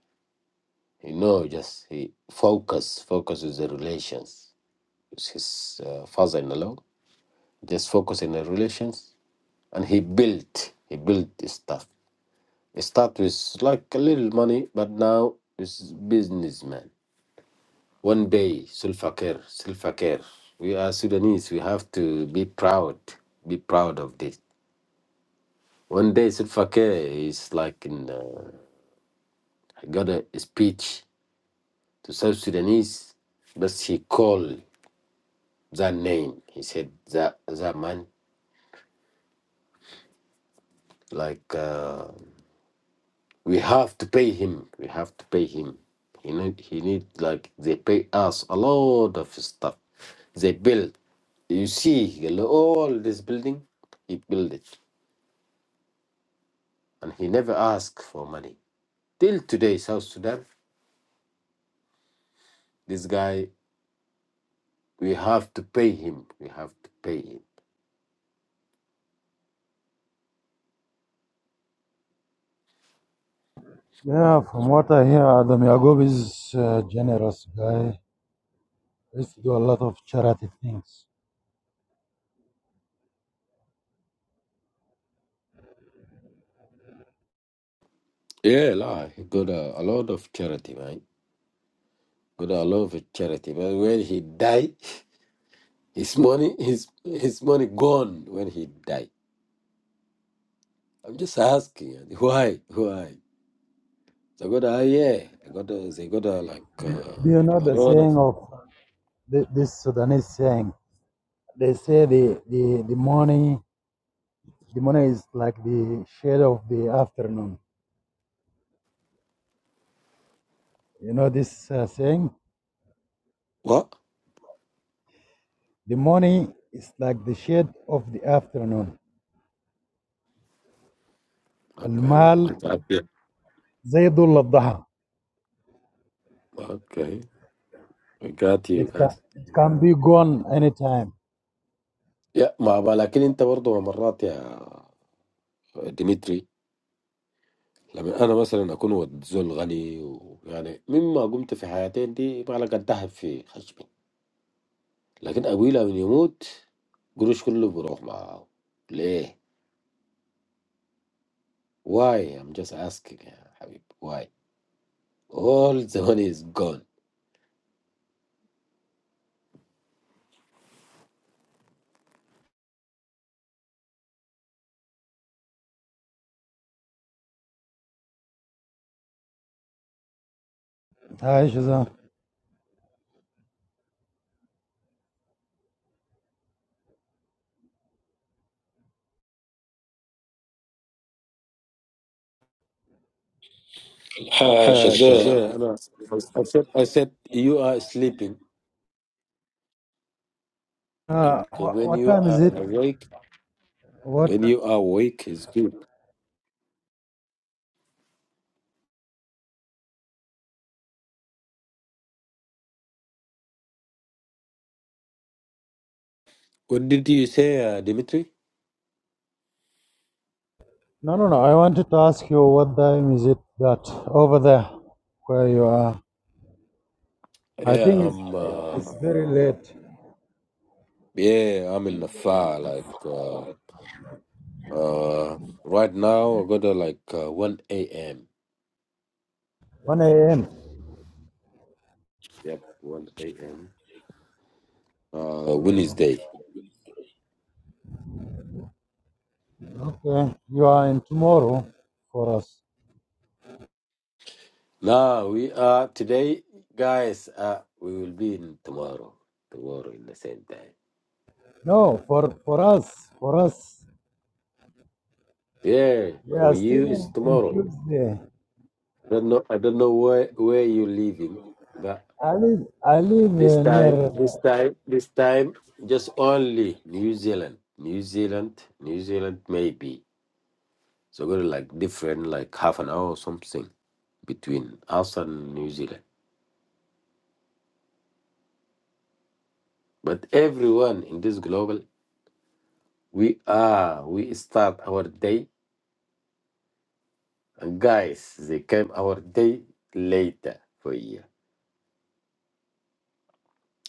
Speaker 4: You know, just he focus, focus with the relations. With his uh, father-in-law, just focus in the relations, and he built, he built his stuff. It start with like a little money, but now it's businessman. One day, self-care, self-care. We are Sudanese. We have to be proud, be proud of this. One day, self-care is like in uh, I got a speech to South Sudanese, but he called that name. He said that that man, like uh, we have to pay him. We have to pay him. He need he need like they pay us a lot of stuff. They build. You see all this building, he built it, and he never asked for money. Till today, South Sudan, this guy, we have to pay him. We have to pay him.
Speaker 2: Yeah, from what I hear, Adam Yagub is a generous guy. He Used to do a lot of charity things.
Speaker 4: Yeah, lah, he got a, a lot of charity, right? Good all over charity. But when he die, his money his his money gone when he die. I'm just asking why why. They got a yeah. They got a, they got a, like uh,
Speaker 2: Do you know
Speaker 4: a
Speaker 2: the
Speaker 4: lot of
Speaker 2: saying of the, this Sudanese saying? They say the, the, the money The money is like the shade of the afternoon. You know this uh, saying?
Speaker 4: what?
Speaker 2: The money is like the shade of the afternoon. Al
Speaker 4: Okay.
Speaker 2: mal
Speaker 4: Okay.
Speaker 2: zaydul al الضحى.
Speaker 4: Okay. I got you
Speaker 2: It can,
Speaker 4: guys.
Speaker 2: it can be gone anytime.
Speaker 4: Yeah, ما بقى لكن انت برضه مرات يا ديمتري لما انا مثلا اكون ود زول غني ويعني مما قمت في حياتين دي ما لك الذهب في خشبي لكن ابوي لما يموت قروش كله بروح معاه ليه why I'm just asking يا حبيبي why all the money is gone
Speaker 2: Hi, Shazam.
Speaker 4: آه شزايا انا I said I said you are sleeping
Speaker 2: Uh,
Speaker 4: okay,
Speaker 2: what,
Speaker 4: when
Speaker 2: what
Speaker 4: you
Speaker 2: time is
Speaker 4: are
Speaker 2: it?
Speaker 4: awake
Speaker 2: What?
Speaker 4: when you are awake is good what did you say uh, Dimitri
Speaker 2: No, no, no. I wanted to ask you what time is it that over there where you are? I
Speaker 4: yeah
Speaker 2: think it's,
Speaker 4: I'm
Speaker 2: it's
Speaker 4: uh,
Speaker 2: very late.
Speaker 4: yeah I'm in the fire like uh, uh, right now I got to like uh, 1 a.m.
Speaker 2: 1 a.m.
Speaker 4: yep 1 a.m. uh Wednesday
Speaker 2: Okay. You are in tomorrow for us.
Speaker 4: No, we are today, guys. Uh, we will be in tomorrow. Tomorrow in the same time.
Speaker 2: No, for for us, for us,
Speaker 4: Yeah,
Speaker 2: we are
Speaker 4: for
Speaker 2: still
Speaker 4: you
Speaker 2: in,
Speaker 4: it's
Speaker 2: in
Speaker 4: tomorrow.
Speaker 2: Tuesday.
Speaker 4: I don't know. I don't know where where you living, but
Speaker 2: I live, I live
Speaker 4: this
Speaker 2: uh, near.
Speaker 4: time, this
Speaker 2: Uh,
Speaker 4: time, this time, just only New Zealand, New Zealand, New Zealand, maybe. So go to like different, like half an hour or something between us and New Zealand. But everyone in this global, we are. We start our day And Guys, they came our day later for a year.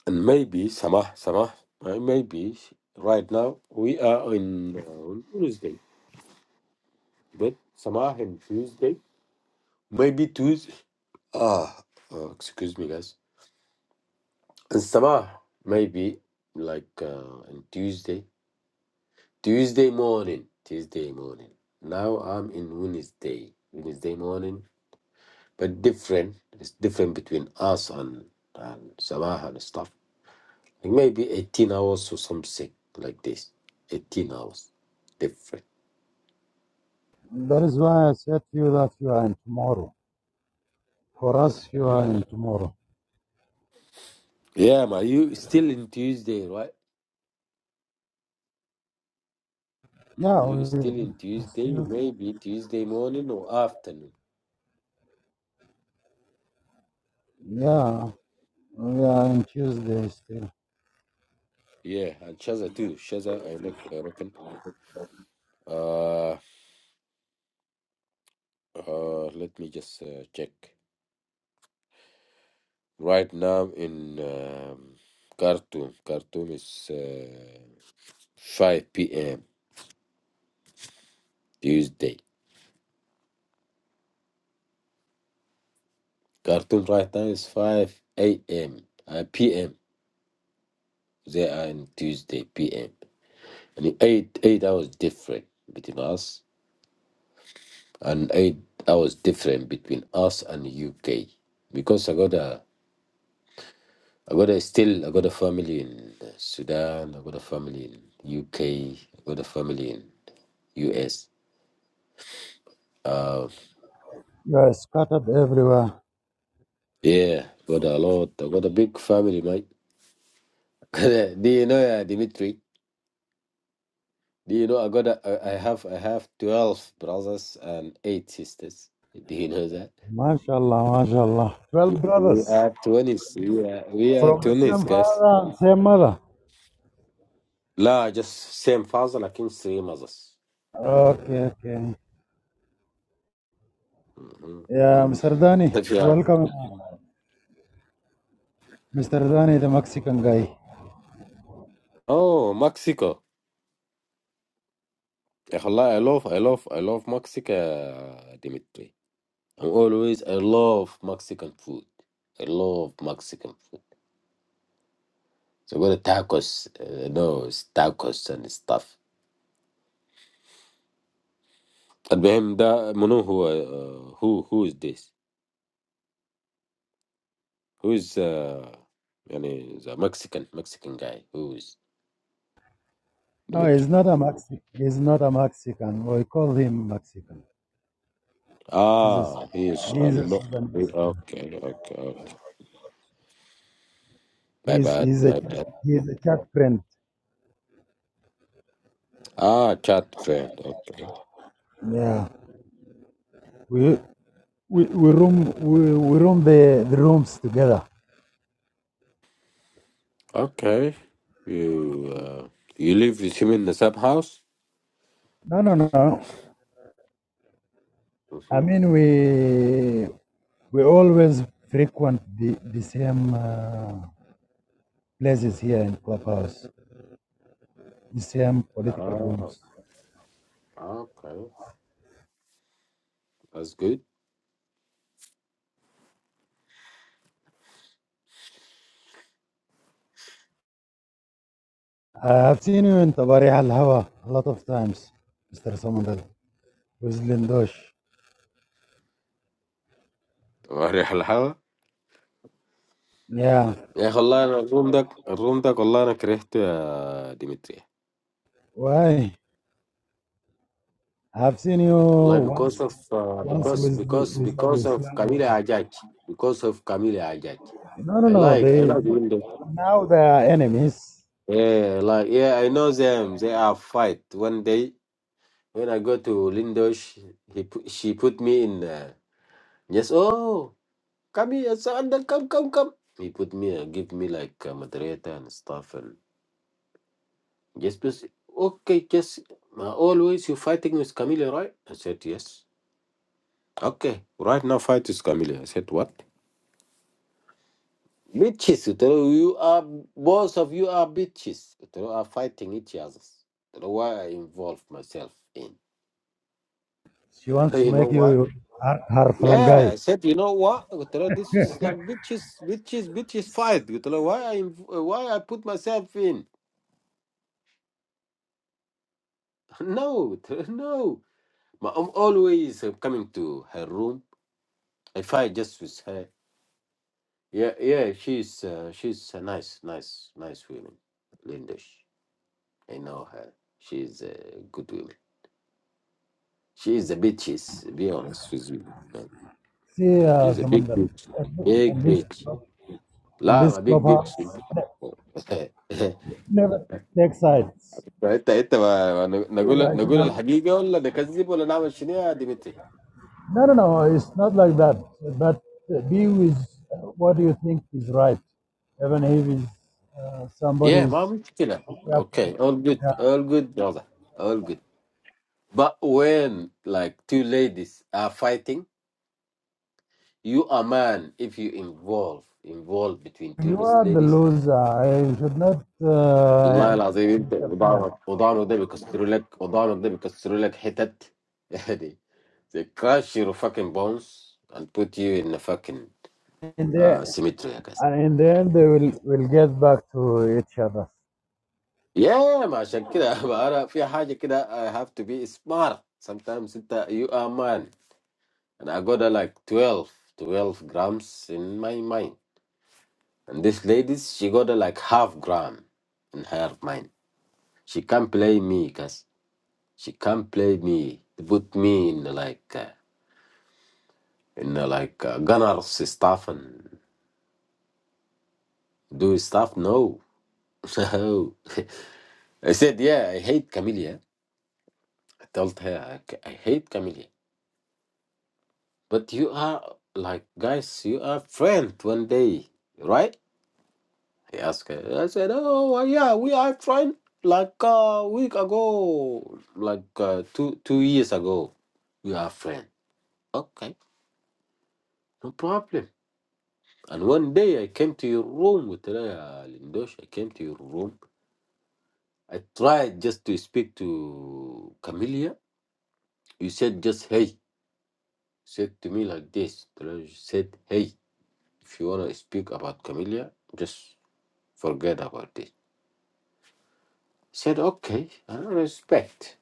Speaker 4: And maybe, Samah, Samah, uh, maybe sh- right now we are on, uh, on Tuesday. But Samah and Tuesday, maybe Tuesday. Ah, uh, excuse me, guys. And Samah, maybe like uh, on Tuesday, Tuesday morning, Tuesday morning. Now I'm in Wednesday, Wednesday morning, but different. It's different between us and, and Samah and stuff. maybe 18 hours or something like this 18 hours different
Speaker 2: that is why I said to you that you are in tomorrow. For us, you are in tomorrow.
Speaker 4: yeah but you still in tuesday right
Speaker 2: Yeah,
Speaker 4: you
Speaker 2: we,
Speaker 4: still in
Speaker 2: we
Speaker 4: tuesday
Speaker 2: still.
Speaker 4: maybe tuesday morning or afternoon
Speaker 2: Yeah, we are in Tuesday still.
Speaker 4: yeah and shaza too shaza i like i reckon uh uh let me just uh, check right now in um, khartoum khartoum is uh, 5 p.m tuesday khartoum right now is 5 a.m uh, p.m They are on Tuesday PM. And eight eight hours different between us and eight hours different between us and UK. Because I got a I got a still I got a family in Sudan, I got a family in UK, I got a family in US. Uh,
Speaker 2: You are scattered everywhere.
Speaker 4: yeah, got a lot. I got a big family, mate. Do you know, uh, Dimitri? Do you know I got a, I I have I have twelve brothers and eight sisters. Do you know that?
Speaker 2: MashaAllah, MashaAllah. Twelve
Speaker 4: We
Speaker 2: brothers
Speaker 4: are Tunis. We are, we are
Speaker 2: from the same
Speaker 4: Tunis, guys.
Speaker 2: father and same mother.
Speaker 4: لا just same father لكن three mothers
Speaker 2: Okay, okay.
Speaker 4: مهم.
Speaker 2: Yeah, Mr. Dani,
Speaker 4: Yeah.
Speaker 2: welcome. Mr. Dani, the Mexican guy.
Speaker 4: Oh, Mexico. يا أخي والله I love, I love, I love Mexico, Dimitri. I'm always, I love Mexican food. I love Mexican food. So go to tacos, uh, no, it's tacos and stuff. المهم ده منو هو uh, who who is this? Who is uh, يعني the Mexican Mexican guy? Who is
Speaker 2: No, he's
Speaker 4: Dimitri?
Speaker 2: not a Mexican. He's not a Mexican. We call him Mexican. He's a,
Speaker 4: Ah, he is a
Speaker 2: he's a
Speaker 4: lot. Okay,
Speaker 2: Sudanese.
Speaker 4: okay, okay. My
Speaker 2: He's
Speaker 4: bad,
Speaker 2: he's a
Speaker 4: my bad.
Speaker 2: he's a chat friend.
Speaker 4: Ah, chat friend. Okay,
Speaker 2: Yeah, we we, we room we, we room the, the rooms together.
Speaker 4: okay. You uh, you live with him in the sub house.
Speaker 2: No, no, no. I
Speaker 4: Mm-hmm.
Speaker 2: mean we we always frequent the the same uh, places here in Clubhouse, the same political
Speaker 4: Ah,
Speaker 2: rooms.
Speaker 4: okay. That's good.
Speaker 2: I have seen you in Tabarih Al Hawa a lot of times, Mr. Samandal. with Lindosh.
Speaker 4: وريح الهوا
Speaker 2: Yeah.
Speaker 4: يا اخي والله انا الروم ده الروم ده والله انا كرهته يا ديمتري
Speaker 2: Why? I've seen you
Speaker 4: والله because
Speaker 2: once
Speaker 4: of uh,
Speaker 2: once
Speaker 4: because
Speaker 2: with the,
Speaker 4: because
Speaker 2: with Abu
Speaker 4: because of
Speaker 2: Islam also.
Speaker 4: Camila Ajaj because of Camila Ajaj
Speaker 2: No no
Speaker 4: I
Speaker 2: no.
Speaker 4: like I
Speaker 2: They
Speaker 4: like him
Speaker 2: now they are enemies.
Speaker 4: Yeah, like yeah, I know them. They are fight. One day when I go to Lindo, she, he put, she put me in. Uh, yes, oh, come here, Sandal, come, come, come. He put me, uh, give me like a moderator and stuff, and just please, okay, just uh, always you fighting with Camille, right? I said yes. Okay, right now fight with Camille. I said what? Bitches, you know, you are both of you are bitches. You know, are fighting each other. You know why I involve myself in.
Speaker 2: She wants to
Speaker 4: You know
Speaker 2: make
Speaker 4: why?
Speaker 2: you her, her
Speaker 4: Yeah,
Speaker 2: flangai.
Speaker 4: I said, you know what? قلت له this is like bitches bitches bitches fight. قلت له why I why I put myself in? No, قلت له, no. But I'm always uh, coming to her room. I fight just with her. Yeah, yeah, she's uh, she's a nice, nice, nice woman. Linda, sh- I know her. She's a good woman. She's a bitches. Be honest with you, man.
Speaker 2: See uh,
Speaker 4: She's a big
Speaker 2: Samandal.
Speaker 4: bitch,
Speaker 2: And
Speaker 4: big
Speaker 2: this
Speaker 4: bitch.
Speaker 2: club- and this
Speaker 4: Lama, big
Speaker 2: clubhouse
Speaker 4: bitch.
Speaker 2: ne- never take sides.
Speaker 4: فانت انت ما ما نقول نقول
Speaker 2: Irrational.
Speaker 4: الحقيقه ولا نكذب ولا نعمل شنو يا ديمتري؟
Speaker 2: No no no, it's not like that. But uh, be with uh, what you think is right. Even if it's, uh,
Speaker 4: يا
Speaker 2: somebody's
Speaker 4: ما مشكله.
Speaker 2: Yeah.
Speaker 4: اوكي all good
Speaker 2: yeah.
Speaker 4: all good واضح all good. But when like two ladies are fighting, you a man if you involve involve between two
Speaker 2: You
Speaker 4: these
Speaker 2: are the
Speaker 4: ladies.
Speaker 2: loser. I should not.
Speaker 4: والله
Speaker 2: Uh,
Speaker 4: العظيم انت
Speaker 2: yeah.
Speaker 4: وضعنا وضعنا ده بيكسروا لك وضعنا ده بيكسروا لك حتت يعني. They crush your fucking bones and put you in a fucking
Speaker 2: And
Speaker 4: uh,
Speaker 2: then,
Speaker 4: cemetery.
Speaker 2: and in the end, they will will get back to each other.
Speaker 4: yeah ما عشان كده أنا في حاجة كده I have to be smart sometimes أنت you are man and I got uh, like 12 12 grams in my mind and this lady she got uh, like half gram in her mind she can't play me cause she can't play me put me in uh, like uh, in uh, like uh, gunners stuff and do stuff no no I said yeah I hate Camellia I told her I, I hate Camellia But you are like guys, you are friends one day, right? He asked her. I said, Oh uh, yeah, we are friends like a week ago, like uh, two two years ago. We are friends. Okay, no problem. And one day I came to your room with Raya Lindosh. I came to your room. I tried just to speak to Camellia. You said just hey. Said to me like this. Teraya said hey. If you wanna speak about Camellia, just Forget about it. said, okay, I respect.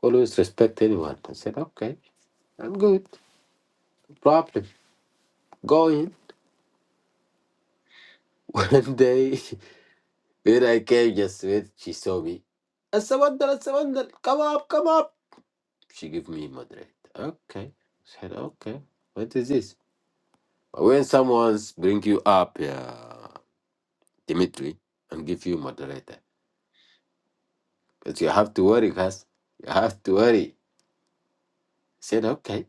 Speaker 4: Always respect anyone. I said, okay, I'm good. Problem. Go in. One day, when I came, just wait, she saw me. Asawandal, Asawandal, come up, come up. She gave me moderate. Okay. said, okay, what is this? But when someone bring you up, yeah, Dimitri, and give you moderator, but you have to worry, guys. You have to worry. said, okay.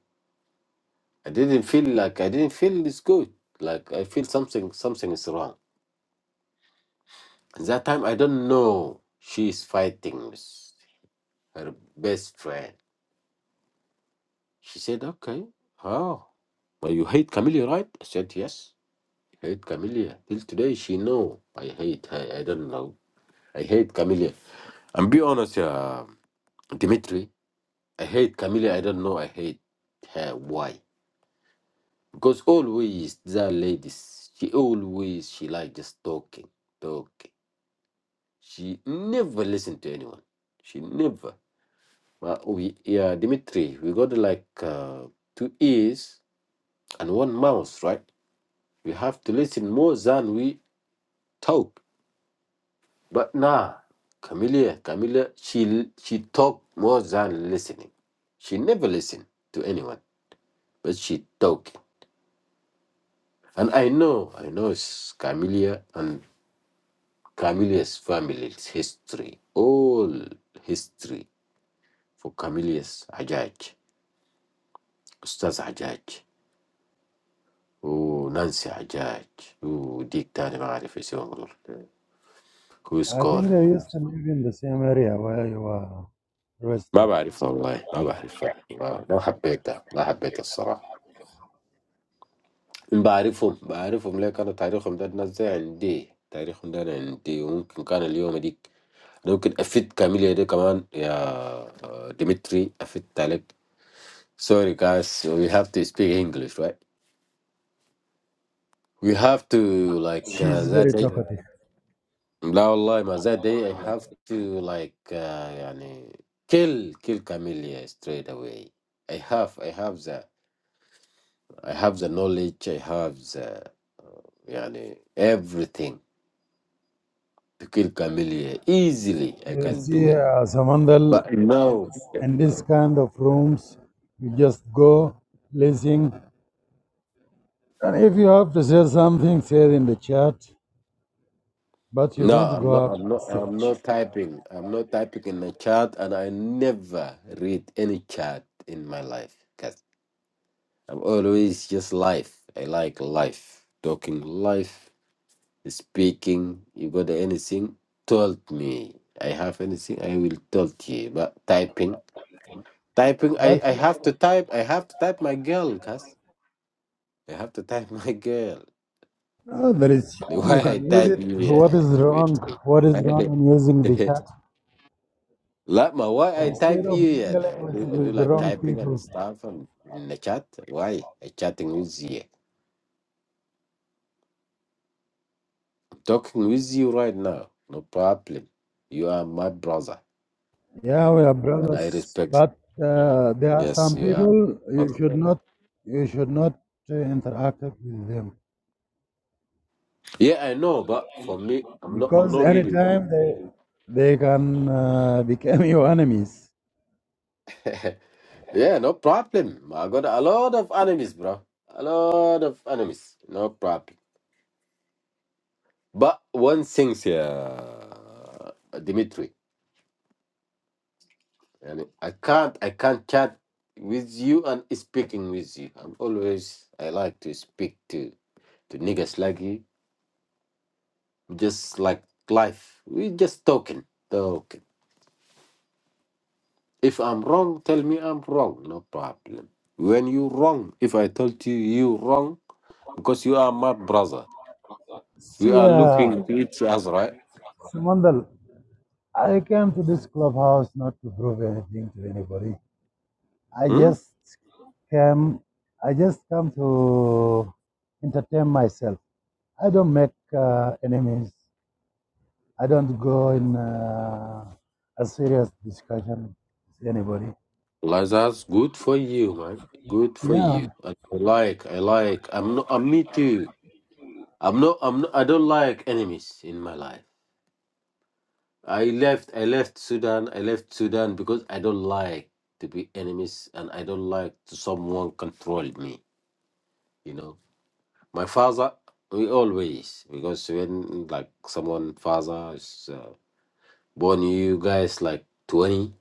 Speaker 4: I didn't feel like I didn't feel it's good. Like I feel something something is wrong. And That time I don't know she is fighting with her best friend. She said, Okay, oh but you hate Camellia, right? I said yes. I hate Camellia. Till today she know I hate her. I don't know. I hate Camellia. And be honest, uh, Dimitri, I hate Camellia. I don't know I hate her. Why? Because always the ladies, she always she like just talking, talking. She never listened to anyone. She never. Well, we yeah, Dimitri, we got like uh, two ears and one mouth, right? We have to listen more than we talk. But nah, Camilla, Camilla, she she talk more than listening. She never listened to anyone, but she talk. And I know, I know it's Camilla and Camilla's family's history, all history for Camilla's Ajaj. أستاذ حجاج ونانسي حجاج وديك تاني ما أعرف اسمه والله، كويس
Speaker 2: I
Speaker 4: كول
Speaker 2: think they used to live in the same area where you are dressed
Speaker 4: ما
Speaker 2: up.
Speaker 4: بعرف والله، ما بعرف ما, ما حبيته، ما حبيت الصراحة. بعرفهم بعرفهم ليه، كان تاريخهم ده الناس زي عندي، تاريخهم ده أنا عندي، وممكن كان اليوم ديك أنا ممكن أفيد كاميليا دي كمان يا ديمتري، أفيد عليك. Sorry, guys. We have to speak English, right? We have to like uh,
Speaker 2: She's very
Speaker 4: that.
Speaker 2: talkative.
Speaker 4: لا والله ما that day I have to like uh, يعني kill kill Camellia straight away. I have I have the I have the knowledge I have the يعني everything to kill Camellia easily I
Speaker 2: You
Speaker 4: can do
Speaker 2: see,
Speaker 4: it.
Speaker 2: uh, Samandal,
Speaker 4: But
Speaker 2: in
Speaker 4: no
Speaker 2: in this kind of rooms, you just go listen. And if you have to say something, say it in the chat, but you
Speaker 4: no
Speaker 2: don't go
Speaker 4: I'm not
Speaker 2: up
Speaker 4: I'm
Speaker 2: the
Speaker 4: not I'm
Speaker 2: stage.
Speaker 4: not typing I'm not typing in the chat and I never read any chat in my life because I'm always just life. I like life talking life speaking, you got anything, told me. I have anything, I will tell you. But typing, typing, I, I
Speaker 2: But
Speaker 4: have to type, I have to type my girl, cuz. I have to type my girl.
Speaker 2: No, there is chat.
Speaker 4: Why
Speaker 2: You
Speaker 4: I
Speaker 2: can use
Speaker 4: type
Speaker 2: it.
Speaker 4: you,
Speaker 2: What
Speaker 4: yeah.
Speaker 2: is wrong?
Speaker 4: Wait, wait.
Speaker 2: What is wrong in using the chat?
Speaker 4: like my why
Speaker 2: And
Speaker 4: I
Speaker 2: instead
Speaker 4: type
Speaker 2: of
Speaker 4: you, yeah.
Speaker 2: mingling
Speaker 4: I
Speaker 2: with,
Speaker 4: do, I do
Speaker 2: with the
Speaker 4: like
Speaker 2: wrong
Speaker 4: typing and
Speaker 2: people.
Speaker 4: stuff and in the chat. Why? I chatting with you. talking with you right now. No problem. You are my brother
Speaker 2: Yeah, we are
Speaker 4: and I
Speaker 2: brothers,
Speaker 4: respect you.
Speaker 2: but uh, there are
Speaker 4: Yes,
Speaker 2: some
Speaker 4: you are.
Speaker 2: people
Speaker 4: my
Speaker 2: you
Speaker 4: brother.
Speaker 2: should not you should not uh, interact with them
Speaker 4: Yeah, I know, but for me, I'm not. I'm
Speaker 2: because
Speaker 4: not reading.
Speaker 2: anytime they they can uh, become your enemies.
Speaker 4: yeah, no problem. I got a lot of enemies, bro. A lot of enemies. No problem. But one thing, yeah, Dimitri, and I can't. I can't chat with you and speaking with you. I'm always. I like to speak to to niggas like you. Just like life. We just talking, talking. If I'm wrong, tell me I'm wrong. No problem. When you wrong, if I told you you wrong, because you are my brother, we
Speaker 2: See,
Speaker 4: are
Speaker 2: uh,
Speaker 4: looking to each other, right?
Speaker 2: Samandal, I came to this clubhouse not to prove anything to anybody. I
Speaker 4: Hmm?
Speaker 2: just came. I just come to entertain myself. I don't make uh, enemies. I don't go in uh, a serious discussion with anybody.
Speaker 4: Like that's good for you, man. Good for
Speaker 2: Yeah,
Speaker 4: you. I like. I like. I'm not. I'm me too. I'm not. I'm not. I don't like enemies in my life. I left. I left Sudan. I left Sudan because I don't like to be enemies, and I don't like to someone control me. You know. My father, we always because when like someone father is uh, born you guys like 20,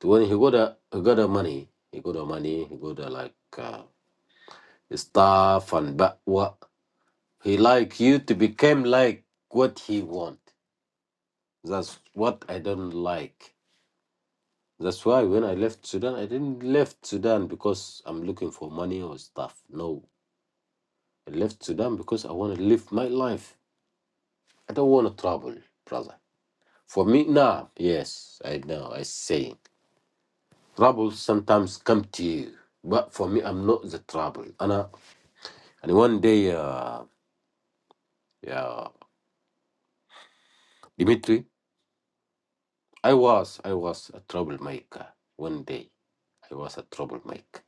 Speaker 4: 20. he got a he got a money, he got a money, he got a like uh, stuff and but what he like you to become like what he want. That's what I don't like. That's why when I left Sudan, I didn't left Sudan because I'm looking for money or stuff. No, I left Sudan because I want to live my life. I don't want to travel, brother. For me, nah, yes, I know, I say. Trouble sometimes come to you, but for me, I'm not the trouble. And, uh, and one day, uh, yeah, Dimitri, I was, I was a troublemaker. One day, I was a troublemaker.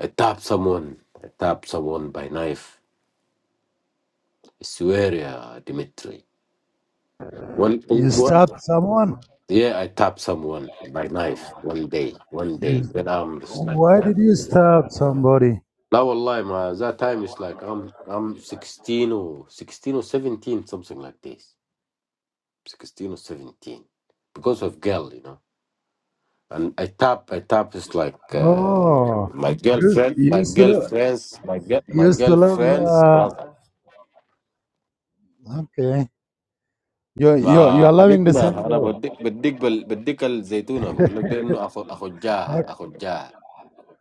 Speaker 4: I tapped someone, I tapped someone by knife. I swear, yeah, Dimitri. One,
Speaker 2: you
Speaker 4: one,
Speaker 2: stab someone.
Speaker 4: yeah, I tapped someone by knife one day, one day,
Speaker 2: You,
Speaker 4: when I'm
Speaker 2: why
Speaker 4: like,
Speaker 2: did you stab somebody?
Speaker 4: لا والله ما that time is like I'm I'm 16 or 16 or 17 something like this 16 or 17 because of girl you know and I tap I tap is like uh,
Speaker 2: Oh,
Speaker 4: my
Speaker 2: you
Speaker 4: girlfriend
Speaker 2: you
Speaker 4: my
Speaker 2: used to love.
Speaker 4: girlfriends my girl
Speaker 2: You
Speaker 4: my
Speaker 2: used to love.
Speaker 4: girlfriend's brother
Speaker 2: Uh, okay, you you you
Speaker 4: ما
Speaker 2: are loving the same
Speaker 4: حبيبنا انا
Speaker 2: girl.
Speaker 4: بديك بديك بال بديك الزيتونه بقول لك ده انه اخو اخو جاه
Speaker 2: okay,
Speaker 4: اخو جاه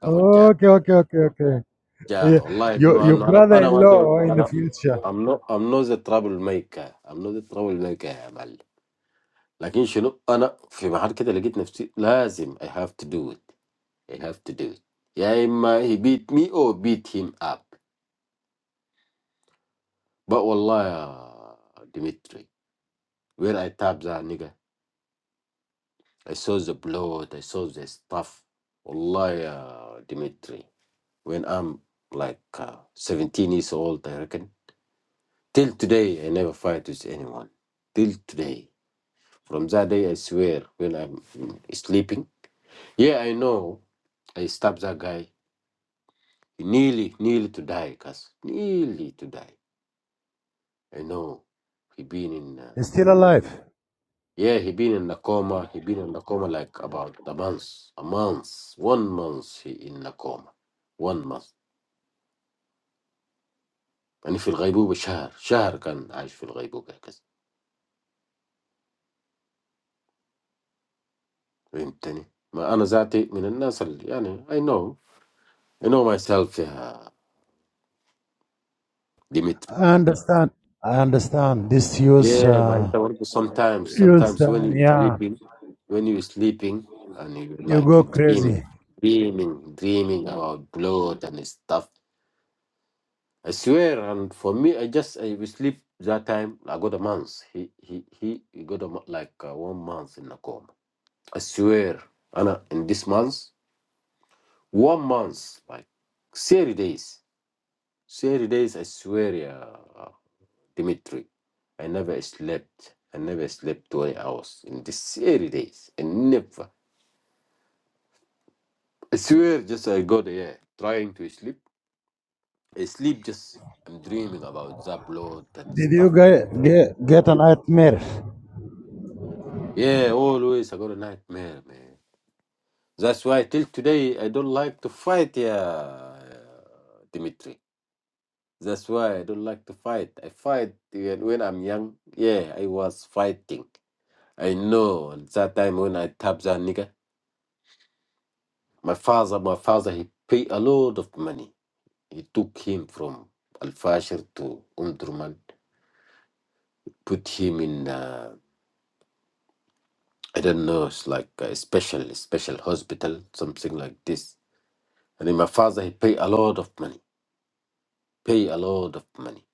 Speaker 4: اخو جاه
Speaker 2: okay, okay, okay. Yeah,
Speaker 4: جاه والله
Speaker 2: your
Speaker 4: بما
Speaker 2: your
Speaker 4: انه انا انا ما زي-
Speaker 2: brother-in-law in the
Speaker 4: انا
Speaker 2: future
Speaker 4: I'm not I'm not the troublemaker I'm not the troublemaker يا معلم لكن شنو انا في محل كده لقيت نفسي لازم I have to do it I have to do it يا اما he beat me or beat him up but والله يا ديمتري where I tap that nigga I saw the blood I saw the stuff والله يا ديمتري when I'm like uh, 17 years old I reckon till today I never fight with anyone till today from that day I swear when I'm mm, sleeping yeah I know I stabbed that guy He nearly nearly to die cuz nearly to die i know he been in uh,
Speaker 2: is still alive.
Speaker 4: yeah he been in a coma he been in a coma like about a month a month one month he in a coma one month يعني في الغيبوبة شهر شهر كان عايش في الغيبوبة كذا فهمتني ما أنا ذاتي من الناس اللي يعني I know I know myself يا ديمتري
Speaker 2: I understand. I understand. This use
Speaker 4: Yeah, but
Speaker 2: uh,
Speaker 4: انت برضه sometimes
Speaker 2: use
Speaker 4: sometimes when
Speaker 2: uh,
Speaker 4: you're
Speaker 2: yeah.
Speaker 4: sleeping when you're sleeping and you
Speaker 2: You
Speaker 4: like
Speaker 2: go
Speaker 4: you
Speaker 2: crazy.
Speaker 4: dreaming dreaming dreaming about blood and stuff. I swear and for me I just I will sleep that time I got a month. He he he, he got a, mo- like uh, one month in a coma. I swear Anna in this month one month like 30 days. 30 days I swear yeah Dimitri, I never slept. I never slept 20 hours in these 30 days. I never. I swear, just I got here trying to sleep. I sleep just, I'm dreaming about that blood and
Speaker 2: Did you
Speaker 4: stuff.
Speaker 2: get get, get a nightmare
Speaker 4: Yeah, always I got a nightmare, man. That's why till today I don't like to fight, yeah, Dimitri. That's why I don't like to fight. I fight when when I'm young. Yeah, I was fighting. I know at that time when I tapped that nigga. My father, my father, he paid a lot of money. He took him from Al Fashir to Umdurman, put him in uh, I don't know, it's like a special special hospital, something like this. And then my father, he paid a lot of money, pay a lot of money.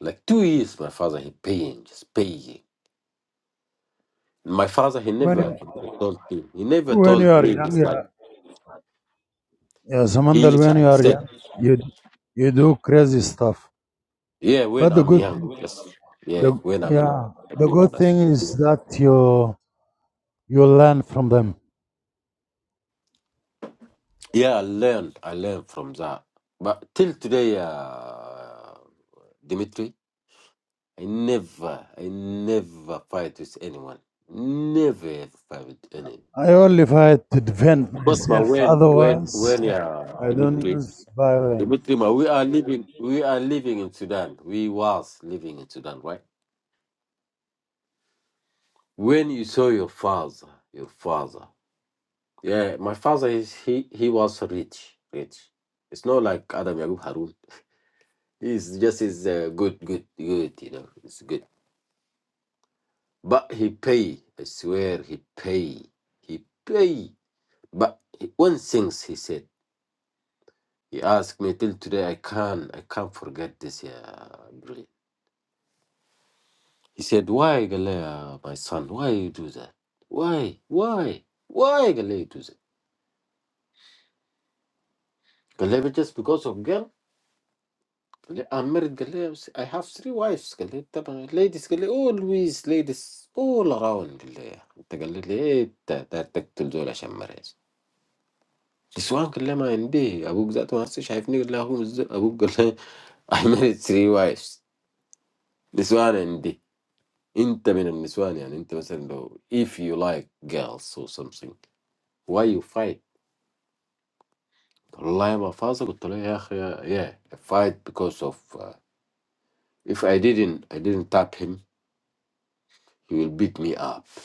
Speaker 4: Like two years, my father, he paying, just paying. My father, he
Speaker 2: when
Speaker 4: never,
Speaker 2: you
Speaker 4: he never told me. He never
Speaker 2: when you
Speaker 4: told
Speaker 2: are
Speaker 4: me
Speaker 2: young?
Speaker 4: this. Like
Speaker 2: Yeah, yeah
Speaker 4: he
Speaker 2: Samandal,
Speaker 4: is
Speaker 2: when you are
Speaker 4: upset.
Speaker 2: young, you you do crazy stuff.
Speaker 4: Yeah, when
Speaker 2: But the
Speaker 4: I'm
Speaker 2: good
Speaker 4: young, yes. Yeah,
Speaker 2: the
Speaker 4: when I'm young.
Speaker 2: yeah,
Speaker 4: To
Speaker 2: the
Speaker 4: be
Speaker 2: good
Speaker 4: honest.
Speaker 2: thing is that you you learn from them.
Speaker 4: Yeah, I learned. I learned from that. But till today, uh, Dimitri, I never, I never fight with anyone. Never ever fight with anyone.
Speaker 2: I only fight to defend
Speaker 4: Because my
Speaker 2: myself.
Speaker 4: when, when,
Speaker 2: Otherwise,
Speaker 4: when, yeah,
Speaker 2: I don't
Speaker 4: Dimitri,
Speaker 2: use violence.
Speaker 4: Dimitri, ma, we are living, we are living in Sudan. We was living in Sudan, right? When you saw your father, your father, yeah, my father is he, he was rich, rich. It's not like Adam Yagub Harun. He's just is uh, good, good, good. You know, it's good. But he pay. I swear, he pay. He pay. But he, one things he said. He asked me till today. I can't. I can't forget this. Yeah, brilliant. He said, "Why, Galea, my son? Why you do that? Why? Why? Why, Galea, you do that? Galea, just because of girl? I married three. I have three wives. قال لي طبعا Ladies, قال لي always ladies all around. He said, "That's the only thing that makes me happy." Niswan said, "I'm Indian." Abu said, "I'm also seeing." He said, "I'm Abu." He said, "I married three wives." Niswan is Indian. You're from Niswan, so if you like girls or something, why you fight? Allah is the answer. He said, "Yeah, yeah, I fight because of uh, if I didn't, I didn't tap him, he will beat me up."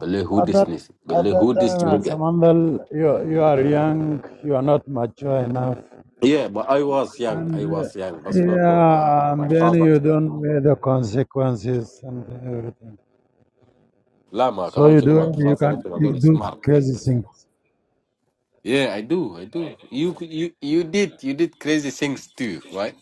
Speaker 4: Bale who
Speaker 2: At that,
Speaker 4: Disney?
Speaker 2: at
Speaker 4: Bale
Speaker 2: that
Speaker 4: who
Speaker 2: time,
Speaker 4: Disney
Speaker 2: as a
Speaker 4: guy?
Speaker 2: mandal, you, you are young, you are not mature enough.
Speaker 4: Yeah, but I was young.
Speaker 2: And
Speaker 4: I
Speaker 2: uh,
Speaker 4: was young. But not not my
Speaker 2: yeah,
Speaker 4: my
Speaker 2: and then
Speaker 4: father.
Speaker 2: you don't weigh the consequences and everything.
Speaker 4: Lama, come
Speaker 2: So
Speaker 4: on,
Speaker 2: you
Speaker 4: you know my
Speaker 2: do, you
Speaker 4: father. I
Speaker 2: can you
Speaker 4: very
Speaker 2: do
Speaker 4: smart.
Speaker 2: crazy
Speaker 4: فهمت؟
Speaker 2: things.
Speaker 4: Yeah, I do. I do. You you you did you did crazy things too, right?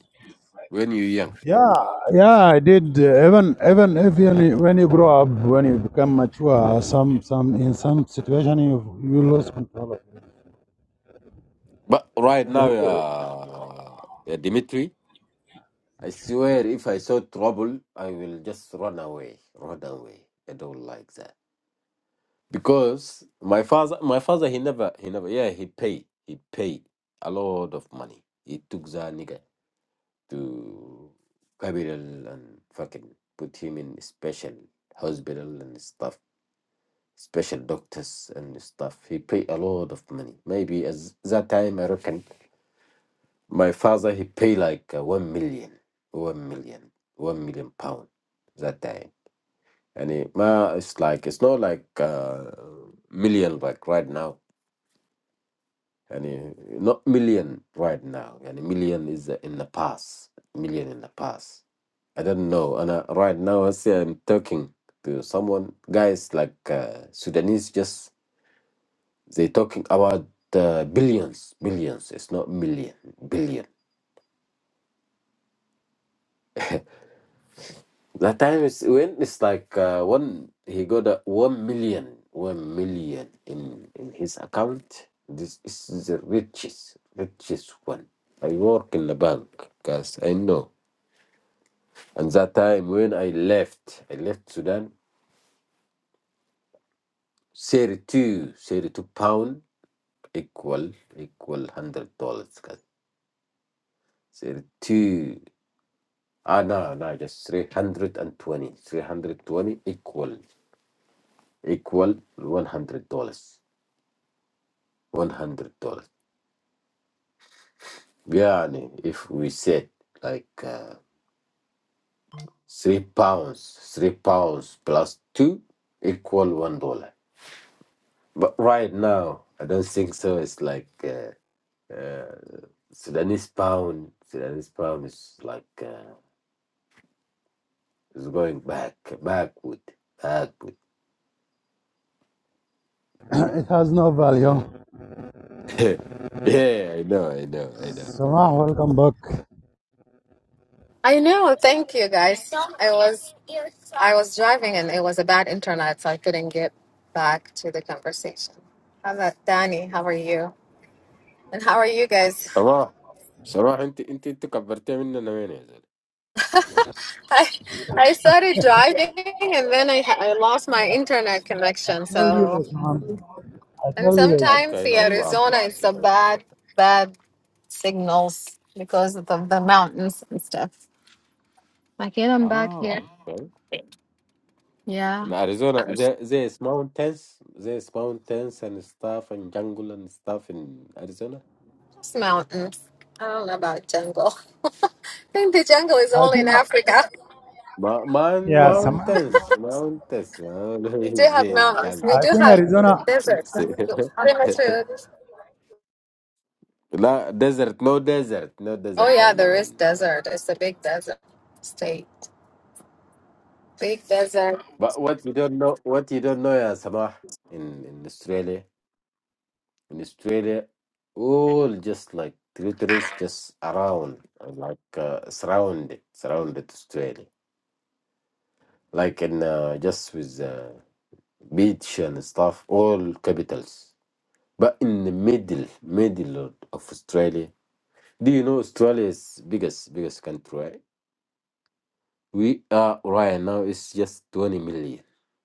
Speaker 4: When you young.
Speaker 2: Yeah, yeah, I did. uh, Even even if you, when you grow up, when you become mature, some some in some situation you you lose control of
Speaker 4: But right now, uh, uh, Dimitri, I swear, if I saw trouble, I will just run away, run away. I don't like that. because my father my father he never he never yeah he paid he paid a lot of money he took the nigga to capital and fucking put him in special hospital and stuff special doctors and stuff he paid a lot of money maybe as that time i reckon my father he paid like uh, one million one million one million pound that time and it, ma, it's like it's not like uh million like right now Yani, not million right now. Yani, million is uh, in the past. Million in the past. I don't know. And uh, right now, I see I'm talking to someone, guys like uh, Sudanese, just they talking about uh, billions, billions. It's not million, billion. That time is when it's like uh, one. He got a one million, one million in in his account. This is the richest, richest one. I work in the bank, guys. I know. And that time when I left, I left Sudan, 32, 32 pound equal, equal $100. guys. 32, ah, no, no, just 320, 320 equal, equal $100, $100. Yeah, if we said like uh, three pounds, three pounds plus two equal $1. But right now, I don't think so. It's like uh, uh, Sudanese pound, Sudanese pound is like uh, is going back, backward, backward.
Speaker 2: it has no value.
Speaker 4: yeah, I know, I know, I know.
Speaker 2: Samah, welcome back.
Speaker 1: I know. Thank you, guys. I was I was driving and it was a bad internet, so I couldn't get back to the conversation. How about Danny? How are you? And how are you guys?
Speaker 4: صباح صباح انت انت انت كبرتيها مننا وين يا زلمه؟
Speaker 1: I, I started driving and then I, ha- I lost my internet
Speaker 2: I
Speaker 1: connection.
Speaker 2: told you
Speaker 1: So,
Speaker 2: this, man. I
Speaker 1: and
Speaker 2: tell you this.
Speaker 1: sometimes
Speaker 4: اوكي
Speaker 1: the
Speaker 4: نو بروبلم
Speaker 1: Arizona is a bad, bad signals because of the, the mountains and stuff. Like, yeah, I'm back here.
Speaker 4: اه اوكي
Speaker 1: Yeah.
Speaker 4: in Arizona
Speaker 1: It's
Speaker 4: there there is mountains there is mountains and stuff and jungle and stuff in Arizona
Speaker 1: mountains. I don't know about jungle. I think the jungle is
Speaker 2: I
Speaker 1: only in
Speaker 2: think,
Speaker 1: Africa.
Speaker 4: Ma- man
Speaker 2: yeah, Samah.
Speaker 4: mountains mountains
Speaker 1: We do
Speaker 4: always
Speaker 1: have
Speaker 4: there is
Speaker 1: mountains. We
Speaker 2: I
Speaker 1: do
Speaker 4: jungle
Speaker 2: think
Speaker 1: have
Speaker 2: Arizona.
Speaker 1: desert. Pretty much, uh,
Speaker 4: La desert, no desert, no
Speaker 1: Oh
Speaker 4: desert. I
Speaker 1: yeah,
Speaker 4: know
Speaker 1: there is
Speaker 4: in, uh,
Speaker 1: desert. It's a big desert state. Big desert.
Speaker 4: but what you don't know, what you don't know, yeah, Samah, in in Australia, in Australia, all just like territories just around, uh, like uh, surrounded, surrounded Australia, like in uh, just with uh, beach and stuff, all capitals. But in the middle, middle of Australia, do you know Australia is biggest, biggest country? Right? We are right now it's just 20 million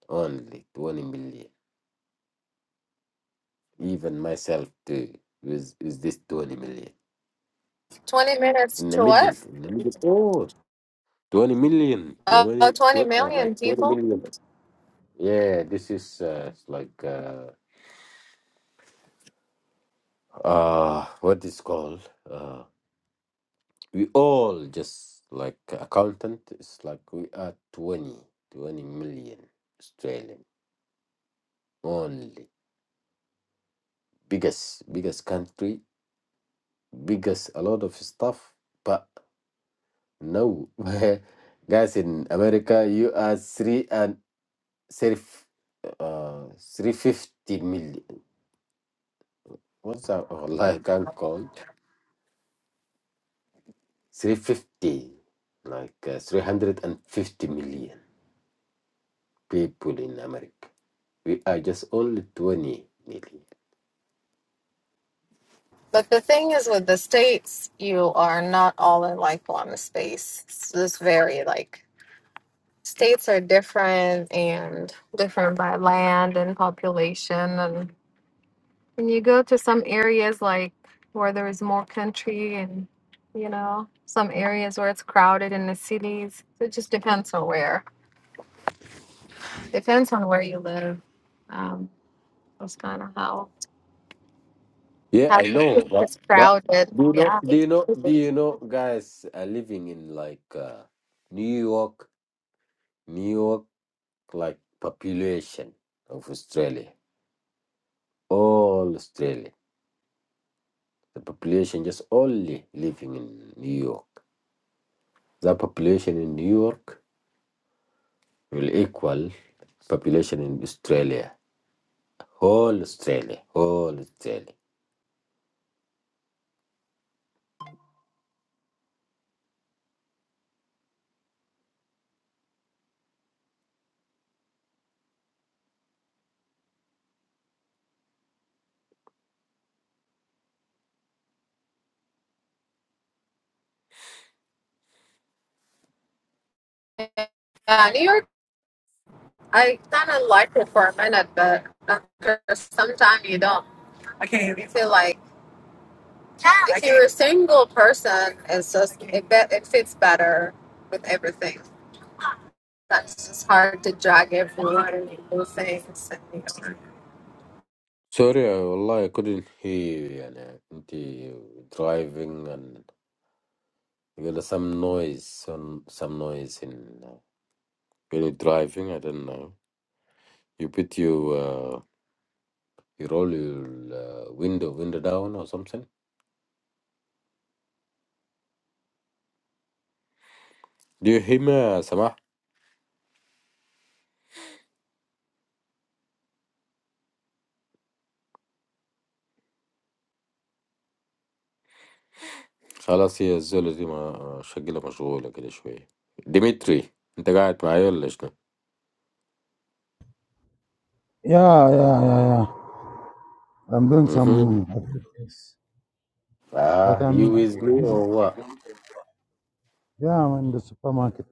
Speaker 4: only 20 million. Even myself too is is this 20 million
Speaker 1: 20 minutes
Speaker 4: in the
Speaker 1: to
Speaker 4: middle
Speaker 1: what?
Speaker 4: in the middle. Oh, 20 million,
Speaker 1: Uh,
Speaker 4: 20,
Speaker 1: 20
Speaker 4: tw- uh, like
Speaker 1: million
Speaker 4: 20
Speaker 1: people.
Speaker 4: million. Yeah, this is uh, it's like uh, uh what is called uh we all just like accountant. It's like we are twenty, twenty million Australian only biggest biggest country biggest a lot of stuff but no guys in america you are three and three uh 350 million what's that Allah, i can't call 350 like uh, 350 million people in america we are just only 20 million
Speaker 1: But the thing is, with the states, you are not all in like one space. It's just very like states are different and different by land and population. And when you go to some areas like where there is more country and you know, some areas where it's crowded in the cities, it just depends on where. Depends on where you live. Um, that's kind of how.
Speaker 4: yeah
Speaker 1: how
Speaker 4: i
Speaker 1: do you
Speaker 4: know but
Speaker 1: it's
Speaker 4: but
Speaker 1: crowded?
Speaker 4: do you know
Speaker 1: Yeah.
Speaker 4: do you know do you know guys are living in like uh, new york new york like population of Australia, all Australia, the population just only living in New York. The population in New York will equal population in Australia, whole Australia, whole Australia.
Speaker 1: Yeah, New York, I kind of liked it for a minute, but after some time you don't. I can't. You feel like if you're a single person, it's just, it, be, it fits better with everything. That's just hard to drag everyone and do things. And, you know.
Speaker 4: Sorry, I- والله I couldn't hear you. يعني أنت driving and you got some noise, some some noise in uh, when you're driving. I don't know. You put your uh, you roll your uh, window window down or something. دي هما سمحت خلاص هي الزولة دي ما شكلها مشغولة كده شوية ديمتري انت قاعد معايا ولا شنو؟
Speaker 2: Yeah, yeah, yeah, yeah. I'm doing
Speaker 4: اها
Speaker 2: some activities, but
Speaker 4: Ah, you
Speaker 2: I'm,
Speaker 4: with me or what؟
Speaker 2: yeah, I'm in the supermarket.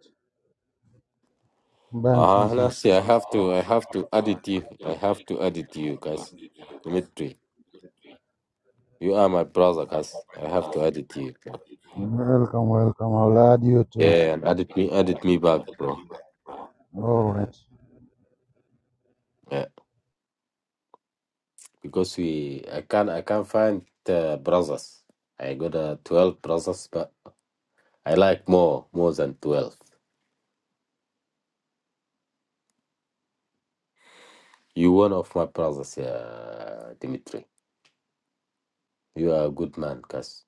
Speaker 2: I'm buying
Speaker 4: Ah,
Speaker 2: something.
Speaker 4: honestly, I have to I have to edit you I have to edit you guys Dimitri you are my brother guys I have to edit you bro.
Speaker 2: Welcome, welcome. I'll add you too.
Speaker 4: yeah and edit me edit me back bro
Speaker 2: All right.
Speaker 4: yeah because we I can't I can't find uh, brothers I got uh, 12 brothers but I like more more than 12 You one of my brothers, yeah, Dimitri. You are a good man, cause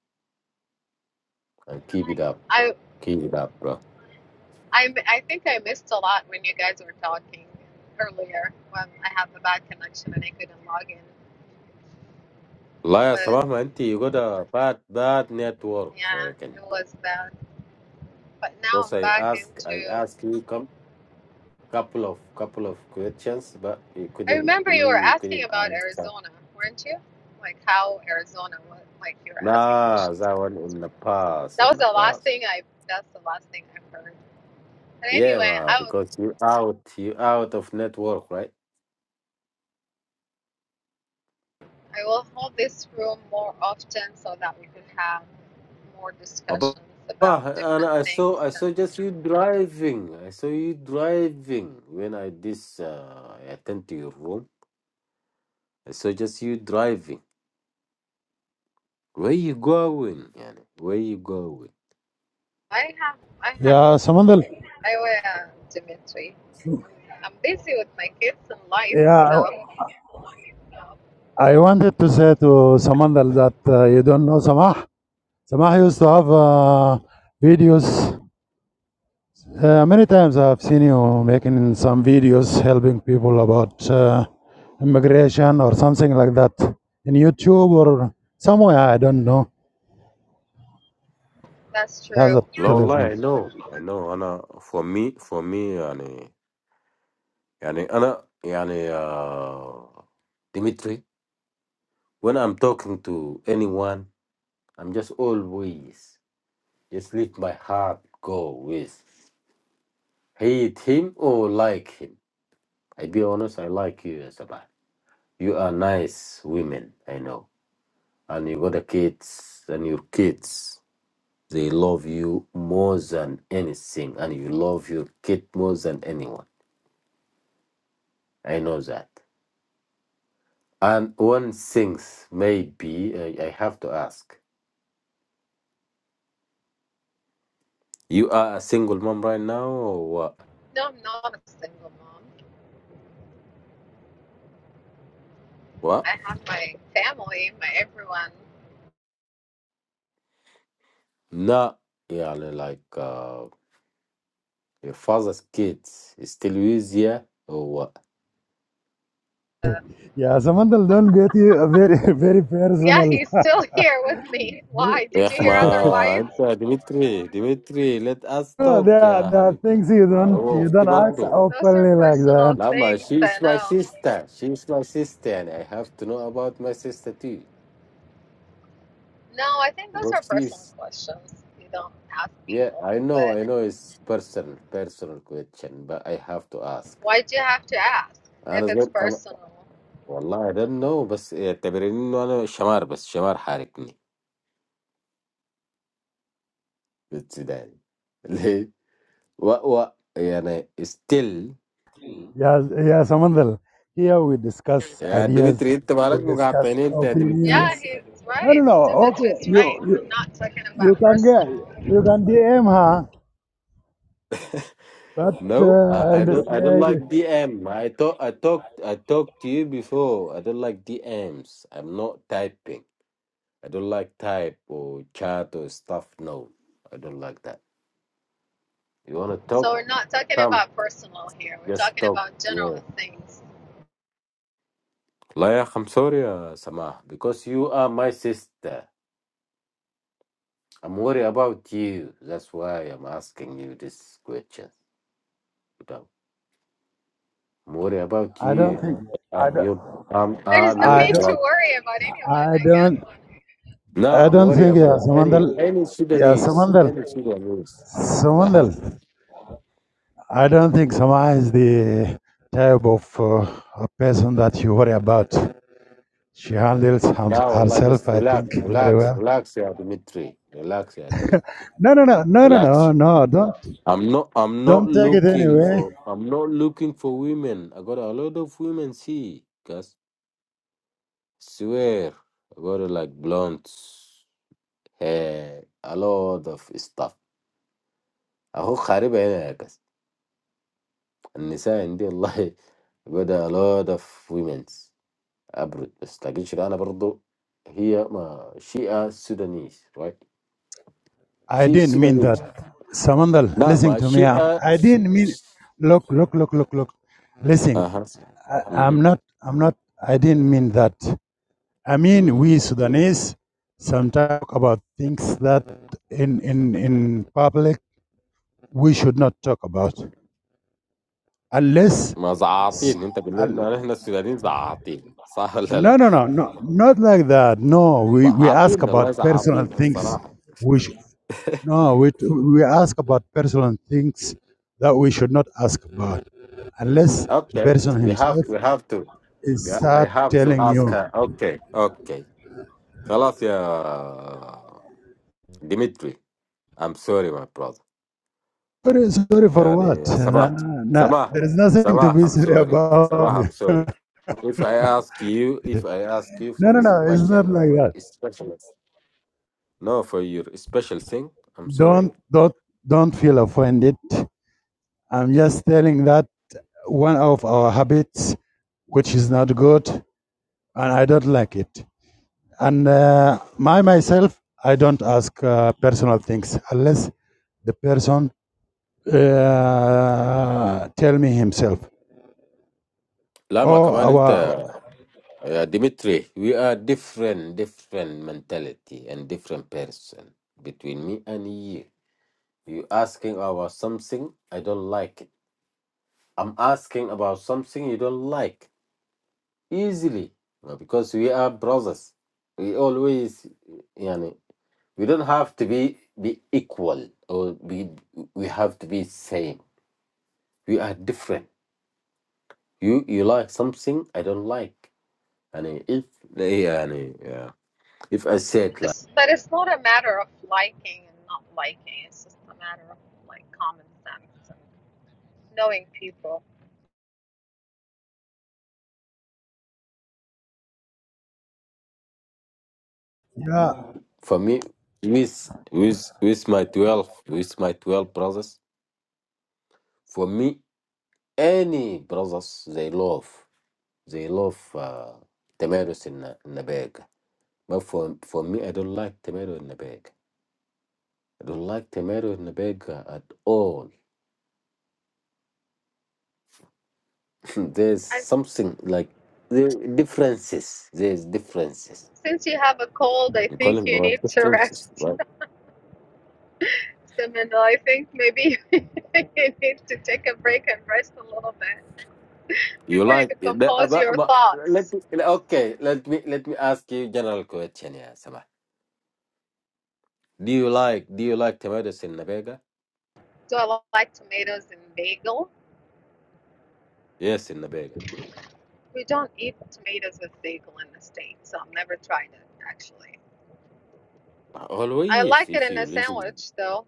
Speaker 4: And keep it up.
Speaker 1: I
Speaker 4: Keep it up, bro.
Speaker 1: I I think I missed a lot when you guys were talking earlier when I had the bad connection and I couldn't log in.
Speaker 4: لا يا
Speaker 1: But
Speaker 4: سماح انت you got a bad bad network I
Speaker 1: yeah, it
Speaker 4: reckon
Speaker 1: was bad. But now
Speaker 4: because
Speaker 1: I'm
Speaker 4: I
Speaker 1: back
Speaker 4: ask I
Speaker 1: into.
Speaker 4: ask you come couple of couple of questions but you
Speaker 1: I
Speaker 4: couldn't
Speaker 1: remember you were
Speaker 4: you
Speaker 1: asking
Speaker 4: couldn't
Speaker 1: about
Speaker 4: answer
Speaker 1: Arizona, weren't you? Like how Arizona was. Like you were asking
Speaker 4: nah
Speaker 1: questions
Speaker 4: that one
Speaker 1: about
Speaker 4: in the
Speaker 1: Arizona.
Speaker 4: past
Speaker 1: That
Speaker 4: in
Speaker 1: was
Speaker 4: the
Speaker 1: the last
Speaker 4: past
Speaker 1: thing I. That's the last thing I heard. But
Speaker 4: yeah
Speaker 1: anyway,
Speaker 4: ma,
Speaker 1: I would.
Speaker 4: because you out you out of network right
Speaker 1: I will hold this room more often so that we could have more
Speaker 4: But, but,
Speaker 1: discussions about
Speaker 4: but, and
Speaker 1: different
Speaker 4: I saw
Speaker 1: things.
Speaker 4: I
Speaker 1: And
Speaker 4: saw just you driving. I saw you driving when I this uh, I attend to your room. I saw just you driving. Where you going? Yani? Where you going?
Speaker 1: I have. I have.
Speaker 2: Yeah, Samandal.
Speaker 1: I will, uh, Dimitri. I'm, I'm busy with my kids and life,
Speaker 2: Yeah,
Speaker 1: so
Speaker 2: I I wanted to say to Samandal that uh, you don't know Samah. Samah used to have uh, videos Uh, many times I've seen you making some videos helping people about uh, immigration or something like that in YouTube or somewhere I don't know.
Speaker 1: that's
Speaker 2: She has
Speaker 1: true.
Speaker 2: a
Speaker 4: La
Speaker 2: telephone.
Speaker 4: wallahi, I know. I know. Ana for me for me yani yani ana yani uh, Dimitri. When I'm talking to anyone, I'm just always just let my heart go with hate him or like him. I be honest, I like you, Isabel. You are nice women, I know. And you got the kids and your kids. They love you more than anything, and you love your kid more than anyone. I know that. And one thing, maybe I, I have to ask: You are a single mom right now, or what?
Speaker 1: No, I'm not a single mom.
Speaker 4: What?
Speaker 1: I have my family, my everyone.
Speaker 4: No, yeah, like uh, your father's kids is still with you, or what?
Speaker 2: Yeah, Samantha, don't get you a very very
Speaker 1: Yeah,
Speaker 2: personal.
Speaker 1: he's still here with me. Why? Did you
Speaker 4: ياخ ما
Speaker 1: hear
Speaker 4: انت
Speaker 1: otherwise?
Speaker 4: ديميتري ديميتري let us
Speaker 2: No, There
Speaker 4: talk
Speaker 2: are,
Speaker 4: يا
Speaker 2: there are
Speaker 4: حبيبنا
Speaker 2: things you
Speaker 4: ما
Speaker 2: don't
Speaker 4: هو
Speaker 2: you don't ask
Speaker 4: افتبردو
Speaker 1: Those are
Speaker 2: openly like
Speaker 1: personal
Speaker 2: that.
Speaker 4: لا ما
Speaker 1: things.
Speaker 4: she is
Speaker 1: I
Speaker 4: my
Speaker 1: know.
Speaker 4: sister she is my sister يعني I have to know about my sister too
Speaker 1: No, I think those
Speaker 4: good
Speaker 1: are personal
Speaker 4: she's
Speaker 1: questions. You don't ask
Speaker 4: yeah
Speaker 1: people,
Speaker 4: I know
Speaker 1: but
Speaker 4: I know it's personal personal question but I have to ask
Speaker 1: why do you have to ask
Speaker 4: and
Speaker 1: if
Speaker 4: as
Speaker 1: it's
Speaker 4: well اما
Speaker 1: personal?
Speaker 4: والله I don't know بس تبريني وانا شمار بس شمار حاركني بتصدقني ليه وا وا يعني still
Speaker 2: Yeah, yeah, Samantha. Here we discuss
Speaker 4: yeah Dimitri
Speaker 2: ideas,
Speaker 4: انت مالك
Speaker 2: we
Speaker 4: معاة
Speaker 2: discuss
Speaker 4: پیني انت ديميتري
Speaker 1: Yeah,
Speaker 2: opinions.
Speaker 1: he's
Speaker 2: No, no,
Speaker 1: right.
Speaker 2: no. Okay,
Speaker 1: Dimitri's
Speaker 2: you
Speaker 1: right.
Speaker 2: you
Speaker 1: We're not talking
Speaker 2: you
Speaker 1: about
Speaker 2: can get
Speaker 1: personal.
Speaker 2: you can DM her But
Speaker 4: No, I,
Speaker 2: uh, in
Speaker 4: I
Speaker 2: the
Speaker 4: don't. I don't
Speaker 2: stage,
Speaker 4: like DM. I thought I talked. I talked to you before. I don't like DMs. I'm not typing. I don't like type or chat or stuff. No, I don't like that. You wanna talk? Come, just talk. Yeah. Layak, I'm sorry, uh, Samah, because you are my sister. I'm worried about you. That's why I'm asking you this question. You know, I'm worried about
Speaker 2: I don't
Speaker 4: you.
Speaker 2: think I
Speaker 4: I'm
Speaker 2: don't
Speaker 4: your. I'm.
Speaker 1: There's
Speaker 4: I'm
Speaker 1: no
Speaker 4: your
Speaker 2: I
Speaker 1: need
Speaker 2: don't
Speaker 1: to
Speaker 4: brother.
Speaker 1: worry about anyone,
Speaker 2: I
Speaker 1: I guess.
Speaker 2: don't
Speaker 4: No,
Speaker 2: I
Speaker 4: I'm
Speaker 2: don't
Speaker 4: worried
Speaker 2: think yeah
Speaker 4: about
Speaker 2: Samandal
Speaker 4: any any
Speaker 2: yeah
Speaker 4: Sudanese,
Speaker 2: Samandal
Speaker 4: any Sudanese. Uh huh.
Speaker 2: Samandal I don't think Sama is the type of uh, a person that you worry about. She handles hers-
Speaker 4: Now, Allah,
Speaker 2: herself,
Speaker 4: just
Speaker 2: I think,
Speaker 4: relax,
Speaker 2: very
Speaker 4: relax,
Speaker 2: well.
Speaker 4: relax, yeah, Dimitri. Relax, yeah, Dimitri.
Speaker 2: No, no, no, no, no, no,
Speaker 4: Relax.
Speaker 2: no. Don't
Speaker 4: I'm not. I'm not
Speaker 2: don't take it
Speaker 4: looking
Speaker 2: anyway.
Speaker 4: for. I'm not looking for women. I got a lot of women. See, cause swear, I got a, like blonde hair, a lot of stuff. أهو خاربة هنا يا كاس النساء عندي والله I got a lot of women ابرد. بس لكن شنو، انا برضو هي ما شيئة سودانيز، right؟
Speaker 2: I
Speaker 4: شي
Speaker 2: didn't mean that.
Speaker 4: سودانيز،
Speaker 2: Samandal,
Speaker 4: لا
Speaker 2: listen
Speaker 4: ما
Speaker 2: to me. I
Speaker 4: شيئة.
Speaker 2: I didn't mean. Look, look, look, look, look. Listen.
Speaker 4: اها
Speaker 2: I'm
Speaker 4: اها
Speaker 2: not, I'm not, I didn't mean that. I mean,
Speaker 4: اها
Speaker 2: we Sudanese sometimes talk about things that in, in, in public we should not talk about. Unless,
Speaker 4: ما زعاطين. انت بالليل،
Speaker 2: un-
Speaker 4: ما نحن السودانيين زعاطين، صح ولا
Speaker 2: no,
Speaker 4: لا؟
Speaker 2: no, no, no, not like that. No, we, we ask
Speaker 4: زعاطين والله،
Speaker 2: about personal
Speaker 4: زعاطين
Speaker 2: things.
Speaker 4: الصراحة.
Speaker 2: We sh- no, we, we ask about personal things that we should not ask about unless the
Speaker 4: اوكي،
Speaker 2: person
Speaker 4: we have
Speaker 2: himself
Speaker 4: we have to
Speaker 2: is
Speaker 4: yeah, I
Speaker 2: start
Speaker 4: have to
Speaker 2: telling
Speaker 4: ask
Speaker 2: you.
Speaker 4: her. اوكي اوكي خلاص يا ديمتري. I'm sorry my brother.
Speaker 2: Sorry, sorry for what?
Speaker 4: Yani
Speaker 2: No,
Speaker 4: Sabah,
Speaker 2: no, no.
Speaker 4: Sabah,
Speaker 2: There is nothing to
Speaker 4: Sabah,
Speaker 2: be
Speaker 4: I'm
Speaker 2: sorry
Speaker 4: sorry. Sabah,
Speaker 2: about.
Speaker 4: I'm sorry.
Speaker 2: no,
Speaker 4: If I ask you, if I ask you for
Speaker 2: no,
Speaker 4: a
Speaker 2: no. It's not
Speaker 4: special,
Speaker 2: like
Speaker 4: for
Speaker 2: that.
Speaker 4: a special, no, for your special thing, I'm sorry.
Speaker 2: Don't, don't, don't feel offended. I'm just telling that one of our habits, which is not good, and I don't like it. And uh, my myself, I don't ask uh, personal things unless the person uh, tell me himself.
Speaker 4: Lama,
Speaker 2: Oh,
Speaker 4: كمان أنت
Speaker 2: our
Speaker 4: يا Dimitri, we are different, different mentality and different person between me and you. You asking about something, I don't like it. I'm asking about something you don't like. easily uh, because we are brothers. We always, yani, we don't have to be be equal or be we have to be same. We are different. You you like something I don't like, and if they, yani, yeah, if I said like
Speaker 1: It's, but it's not a matter of liking and not liking. It's just a matter of like common sense. and knowing people.
Speaker 2: yeah,
Speaker 4: for me with with with my twelve with my twelve brothers, for me any brothers they love they love uh, tomatoes in a, in a bag But for for me, I don't like tomato in the bag. I don't like tomato in the bag uh, at all. There's
Speaker 1: And
Speaker 4: something like there differences. There's differences.
Speaker 1: since you have a cold, I
Speaker 4: You call
Speaker 1: think
Speaker 4: them
Speaker 1: you
Speaker 4: what
Speaker 1: need to
Speaker 4: differences,
Speaker 1: rest,
Speaker 4: right?
Speaker 1: And I think maybe you need to take a break and rest a little bit
Speaker 4: You
Speaker 1: before you
Speaker 4: like
Speaker 1: can
Speaker 4: it, the- uh,
Speaker 1: compose
Speaker 4: but,
Speaker 1: your
Speaker 4: but let
Speaker 1: thoughts.
Speaker 4: me okay. Let me let me ask you general question, yeah, Sama. Do you like do you like tomatoes in the bag?
Speaker 1: Do I like tomato bagel?
Speaker 4: Yes, in the bag.
Speaker 1: We don't eat tomatoes with bagel in the States, so I've never tried it actually. I
Speaker 4: Always,
Speaker 1: like it
Speaker 4: if
Speaker 1: in a
Speaker 4: you live in
Speaker 1: sandwich though.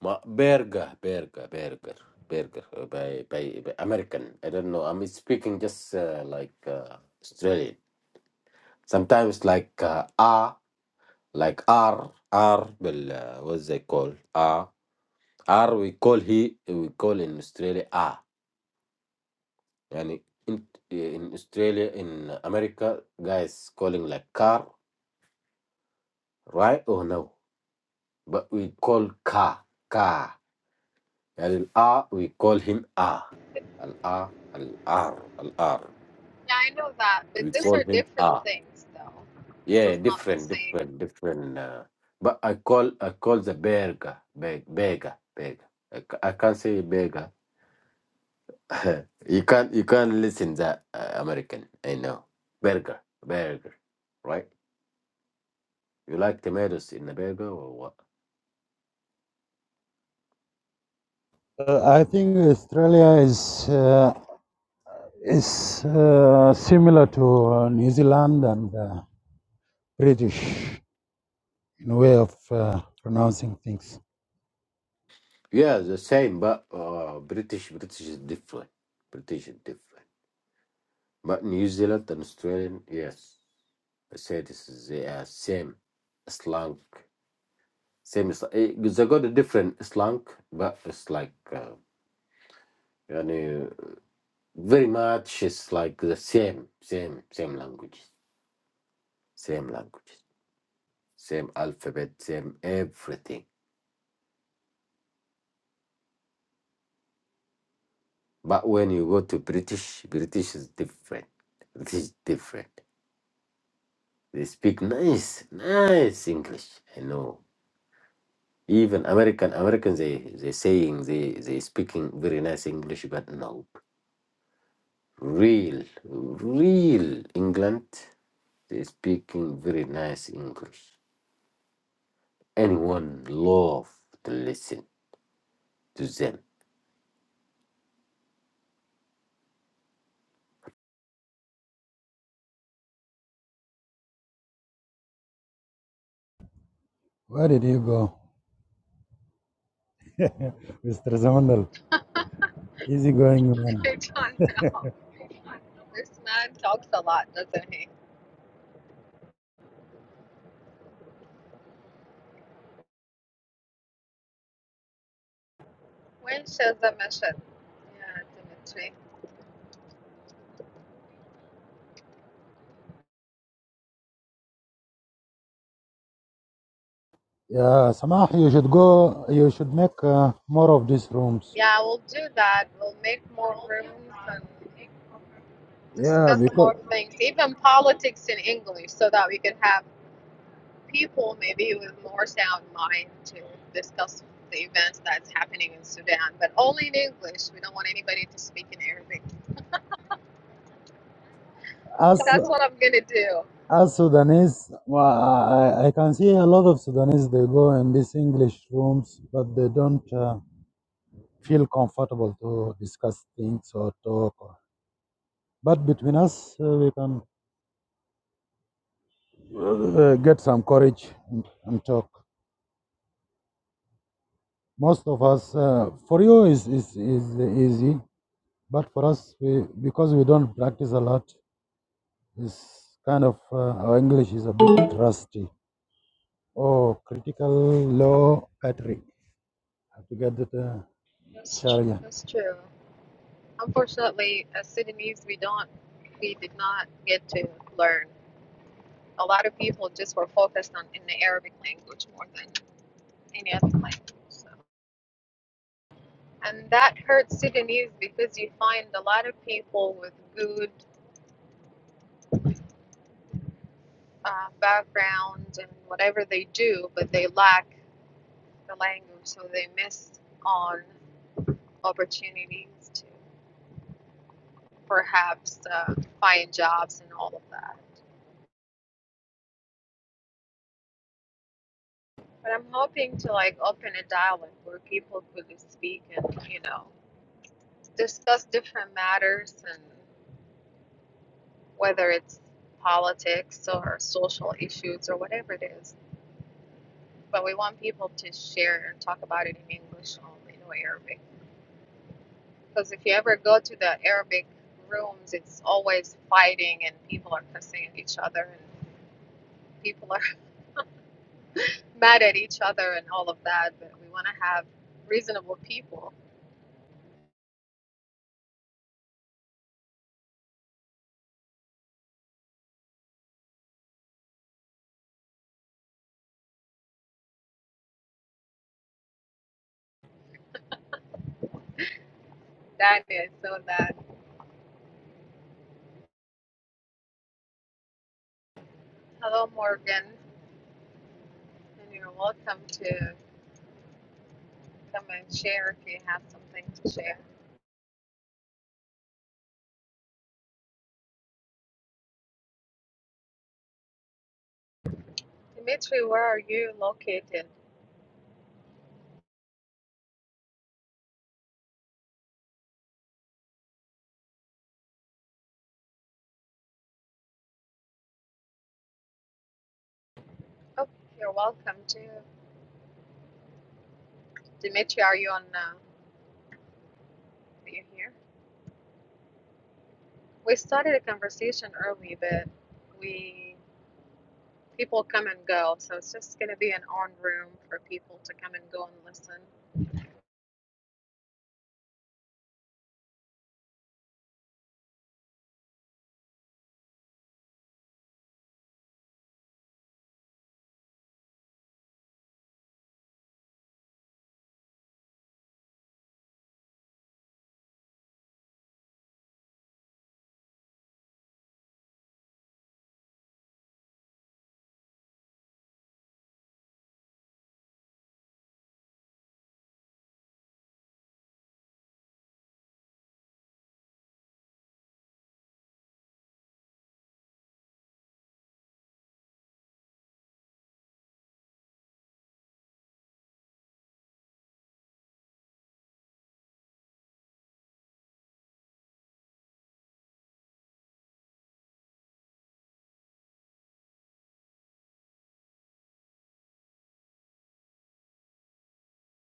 Speaker 4: Ma burger, burger, burger, burger uh, by, by by American. I don't know. I'm speaking just uh, like uh, Australian. Sometimes like uh, R, like R, R. Well, uh, what's they call R? R. We call he. We call in Australia R. Yani in in Australia in America, guys calling like car, right or no? But we call car, car. And R, we call him R. Al R, al R, al R.
Speaker 1: Yeah, I know that, but
Speaker 4: We
Speaker 1: these
Speaker 4: call
Speaker 1: are
Speaker 4: him
Speaker 1: different
Speaker 4: ah
Speaker 1: things though. This
Speaker 4: yeah
Speaker 1: is not the
Speaker 4: different
Speaker 1: same.
Speaker 4: different different. Uh, but I call I call the burger, beg beggar beggar. I, ca- I can't say beggar. you can't you can't listen that uh, American. I know burger burger, right? You like tomatoes in the burger or what?
Speaker 2: Uh, I think Australia is uh, is uh, similar to uh, New Zealand and uh, British in a way of uh, pronouncing things.
Speaker 4: Yeah, the same. But uh, British British is different. British is different. But New Zealand and Australian, yes, I say this is the uh, same slang same is eh, they got a different slang, but it's like uh, yani, very much it's like the same, same, same languages, same languages, same alphabet, same everything. But when you go to British, British is different. British is different. They speak nice, nice English. I know. Even American Americans they they saying they they speaking very nice English, but no, real, real England. They speak in very nice English. Anyone love to listen to them.
Speaker 2: Where did you go, Mr. Zamandal? Easy going man.
Speaker 1: I don't know. This man talks a lot, doesn't he? When shall the mission? Yeah, Dimitri.
Speaker 2: Yeah, Samah, you should go. You should make uh, more of these rooms.
Speaker 1: Yeah, we'll do that. We'll make more rooms and
Speaker 2: Yeah,
Speaker 1: discuss
Speaker 2: because
Speaker 1: more things, even politics in English, so that we can have people maybe with more sound mind to discuss the events that's happening in Sudan, but only in English. We don't want anybody to speak in Arabic.
Speaker 2: as
Speaker 1: That's what I'm gonna do.
Speaker 2: as Sudanese, well, I, I I can see a lot of Sudanese. They go in these English rooms, but they don't. Uh, feel comfortable to discuss things or talk. But between us, uh, we can uh, get some courage and, and talk. Most of us, uh, for you, is is is easy, but for us, we because we don't practice a lot, is kind of uh, our English is a bit rusty. Oh, critical low battery. I have to get the Uh, yes. charger.
Speaker 1: That's true. Unfortunately, as Sudanese, we don't, we did not get to learn a lot of people just were focused on in the Arabic language more than. any other language. So. And that hurts Sudanese because you find a lot of people with good uh, background and whatever they do, but they lack the language, so they miss on opportunities to perhaps uh, find jobs and all of that. But I'm hoping to like open a dialogue where people could speak and you know discuss different matters and whether it's politics or social issues or whatever it is. but we want people to share and talk about it in English only, no Arabic. Because if you ever go to the Arabic rooms, it's always fighting and people are cussing at each other and people are mad at each other and all of that. But we want to have reasonable people. That is so that. Hello, Morgan, and you're welcome to come and share if you have something to share. Dimitri, where are you located? Oh, you're welcome to. Dimitri, are you on? Uh, are you here? We started a conversation early, but we people come and go, so it's just going to be an on room for people to come and go and listen.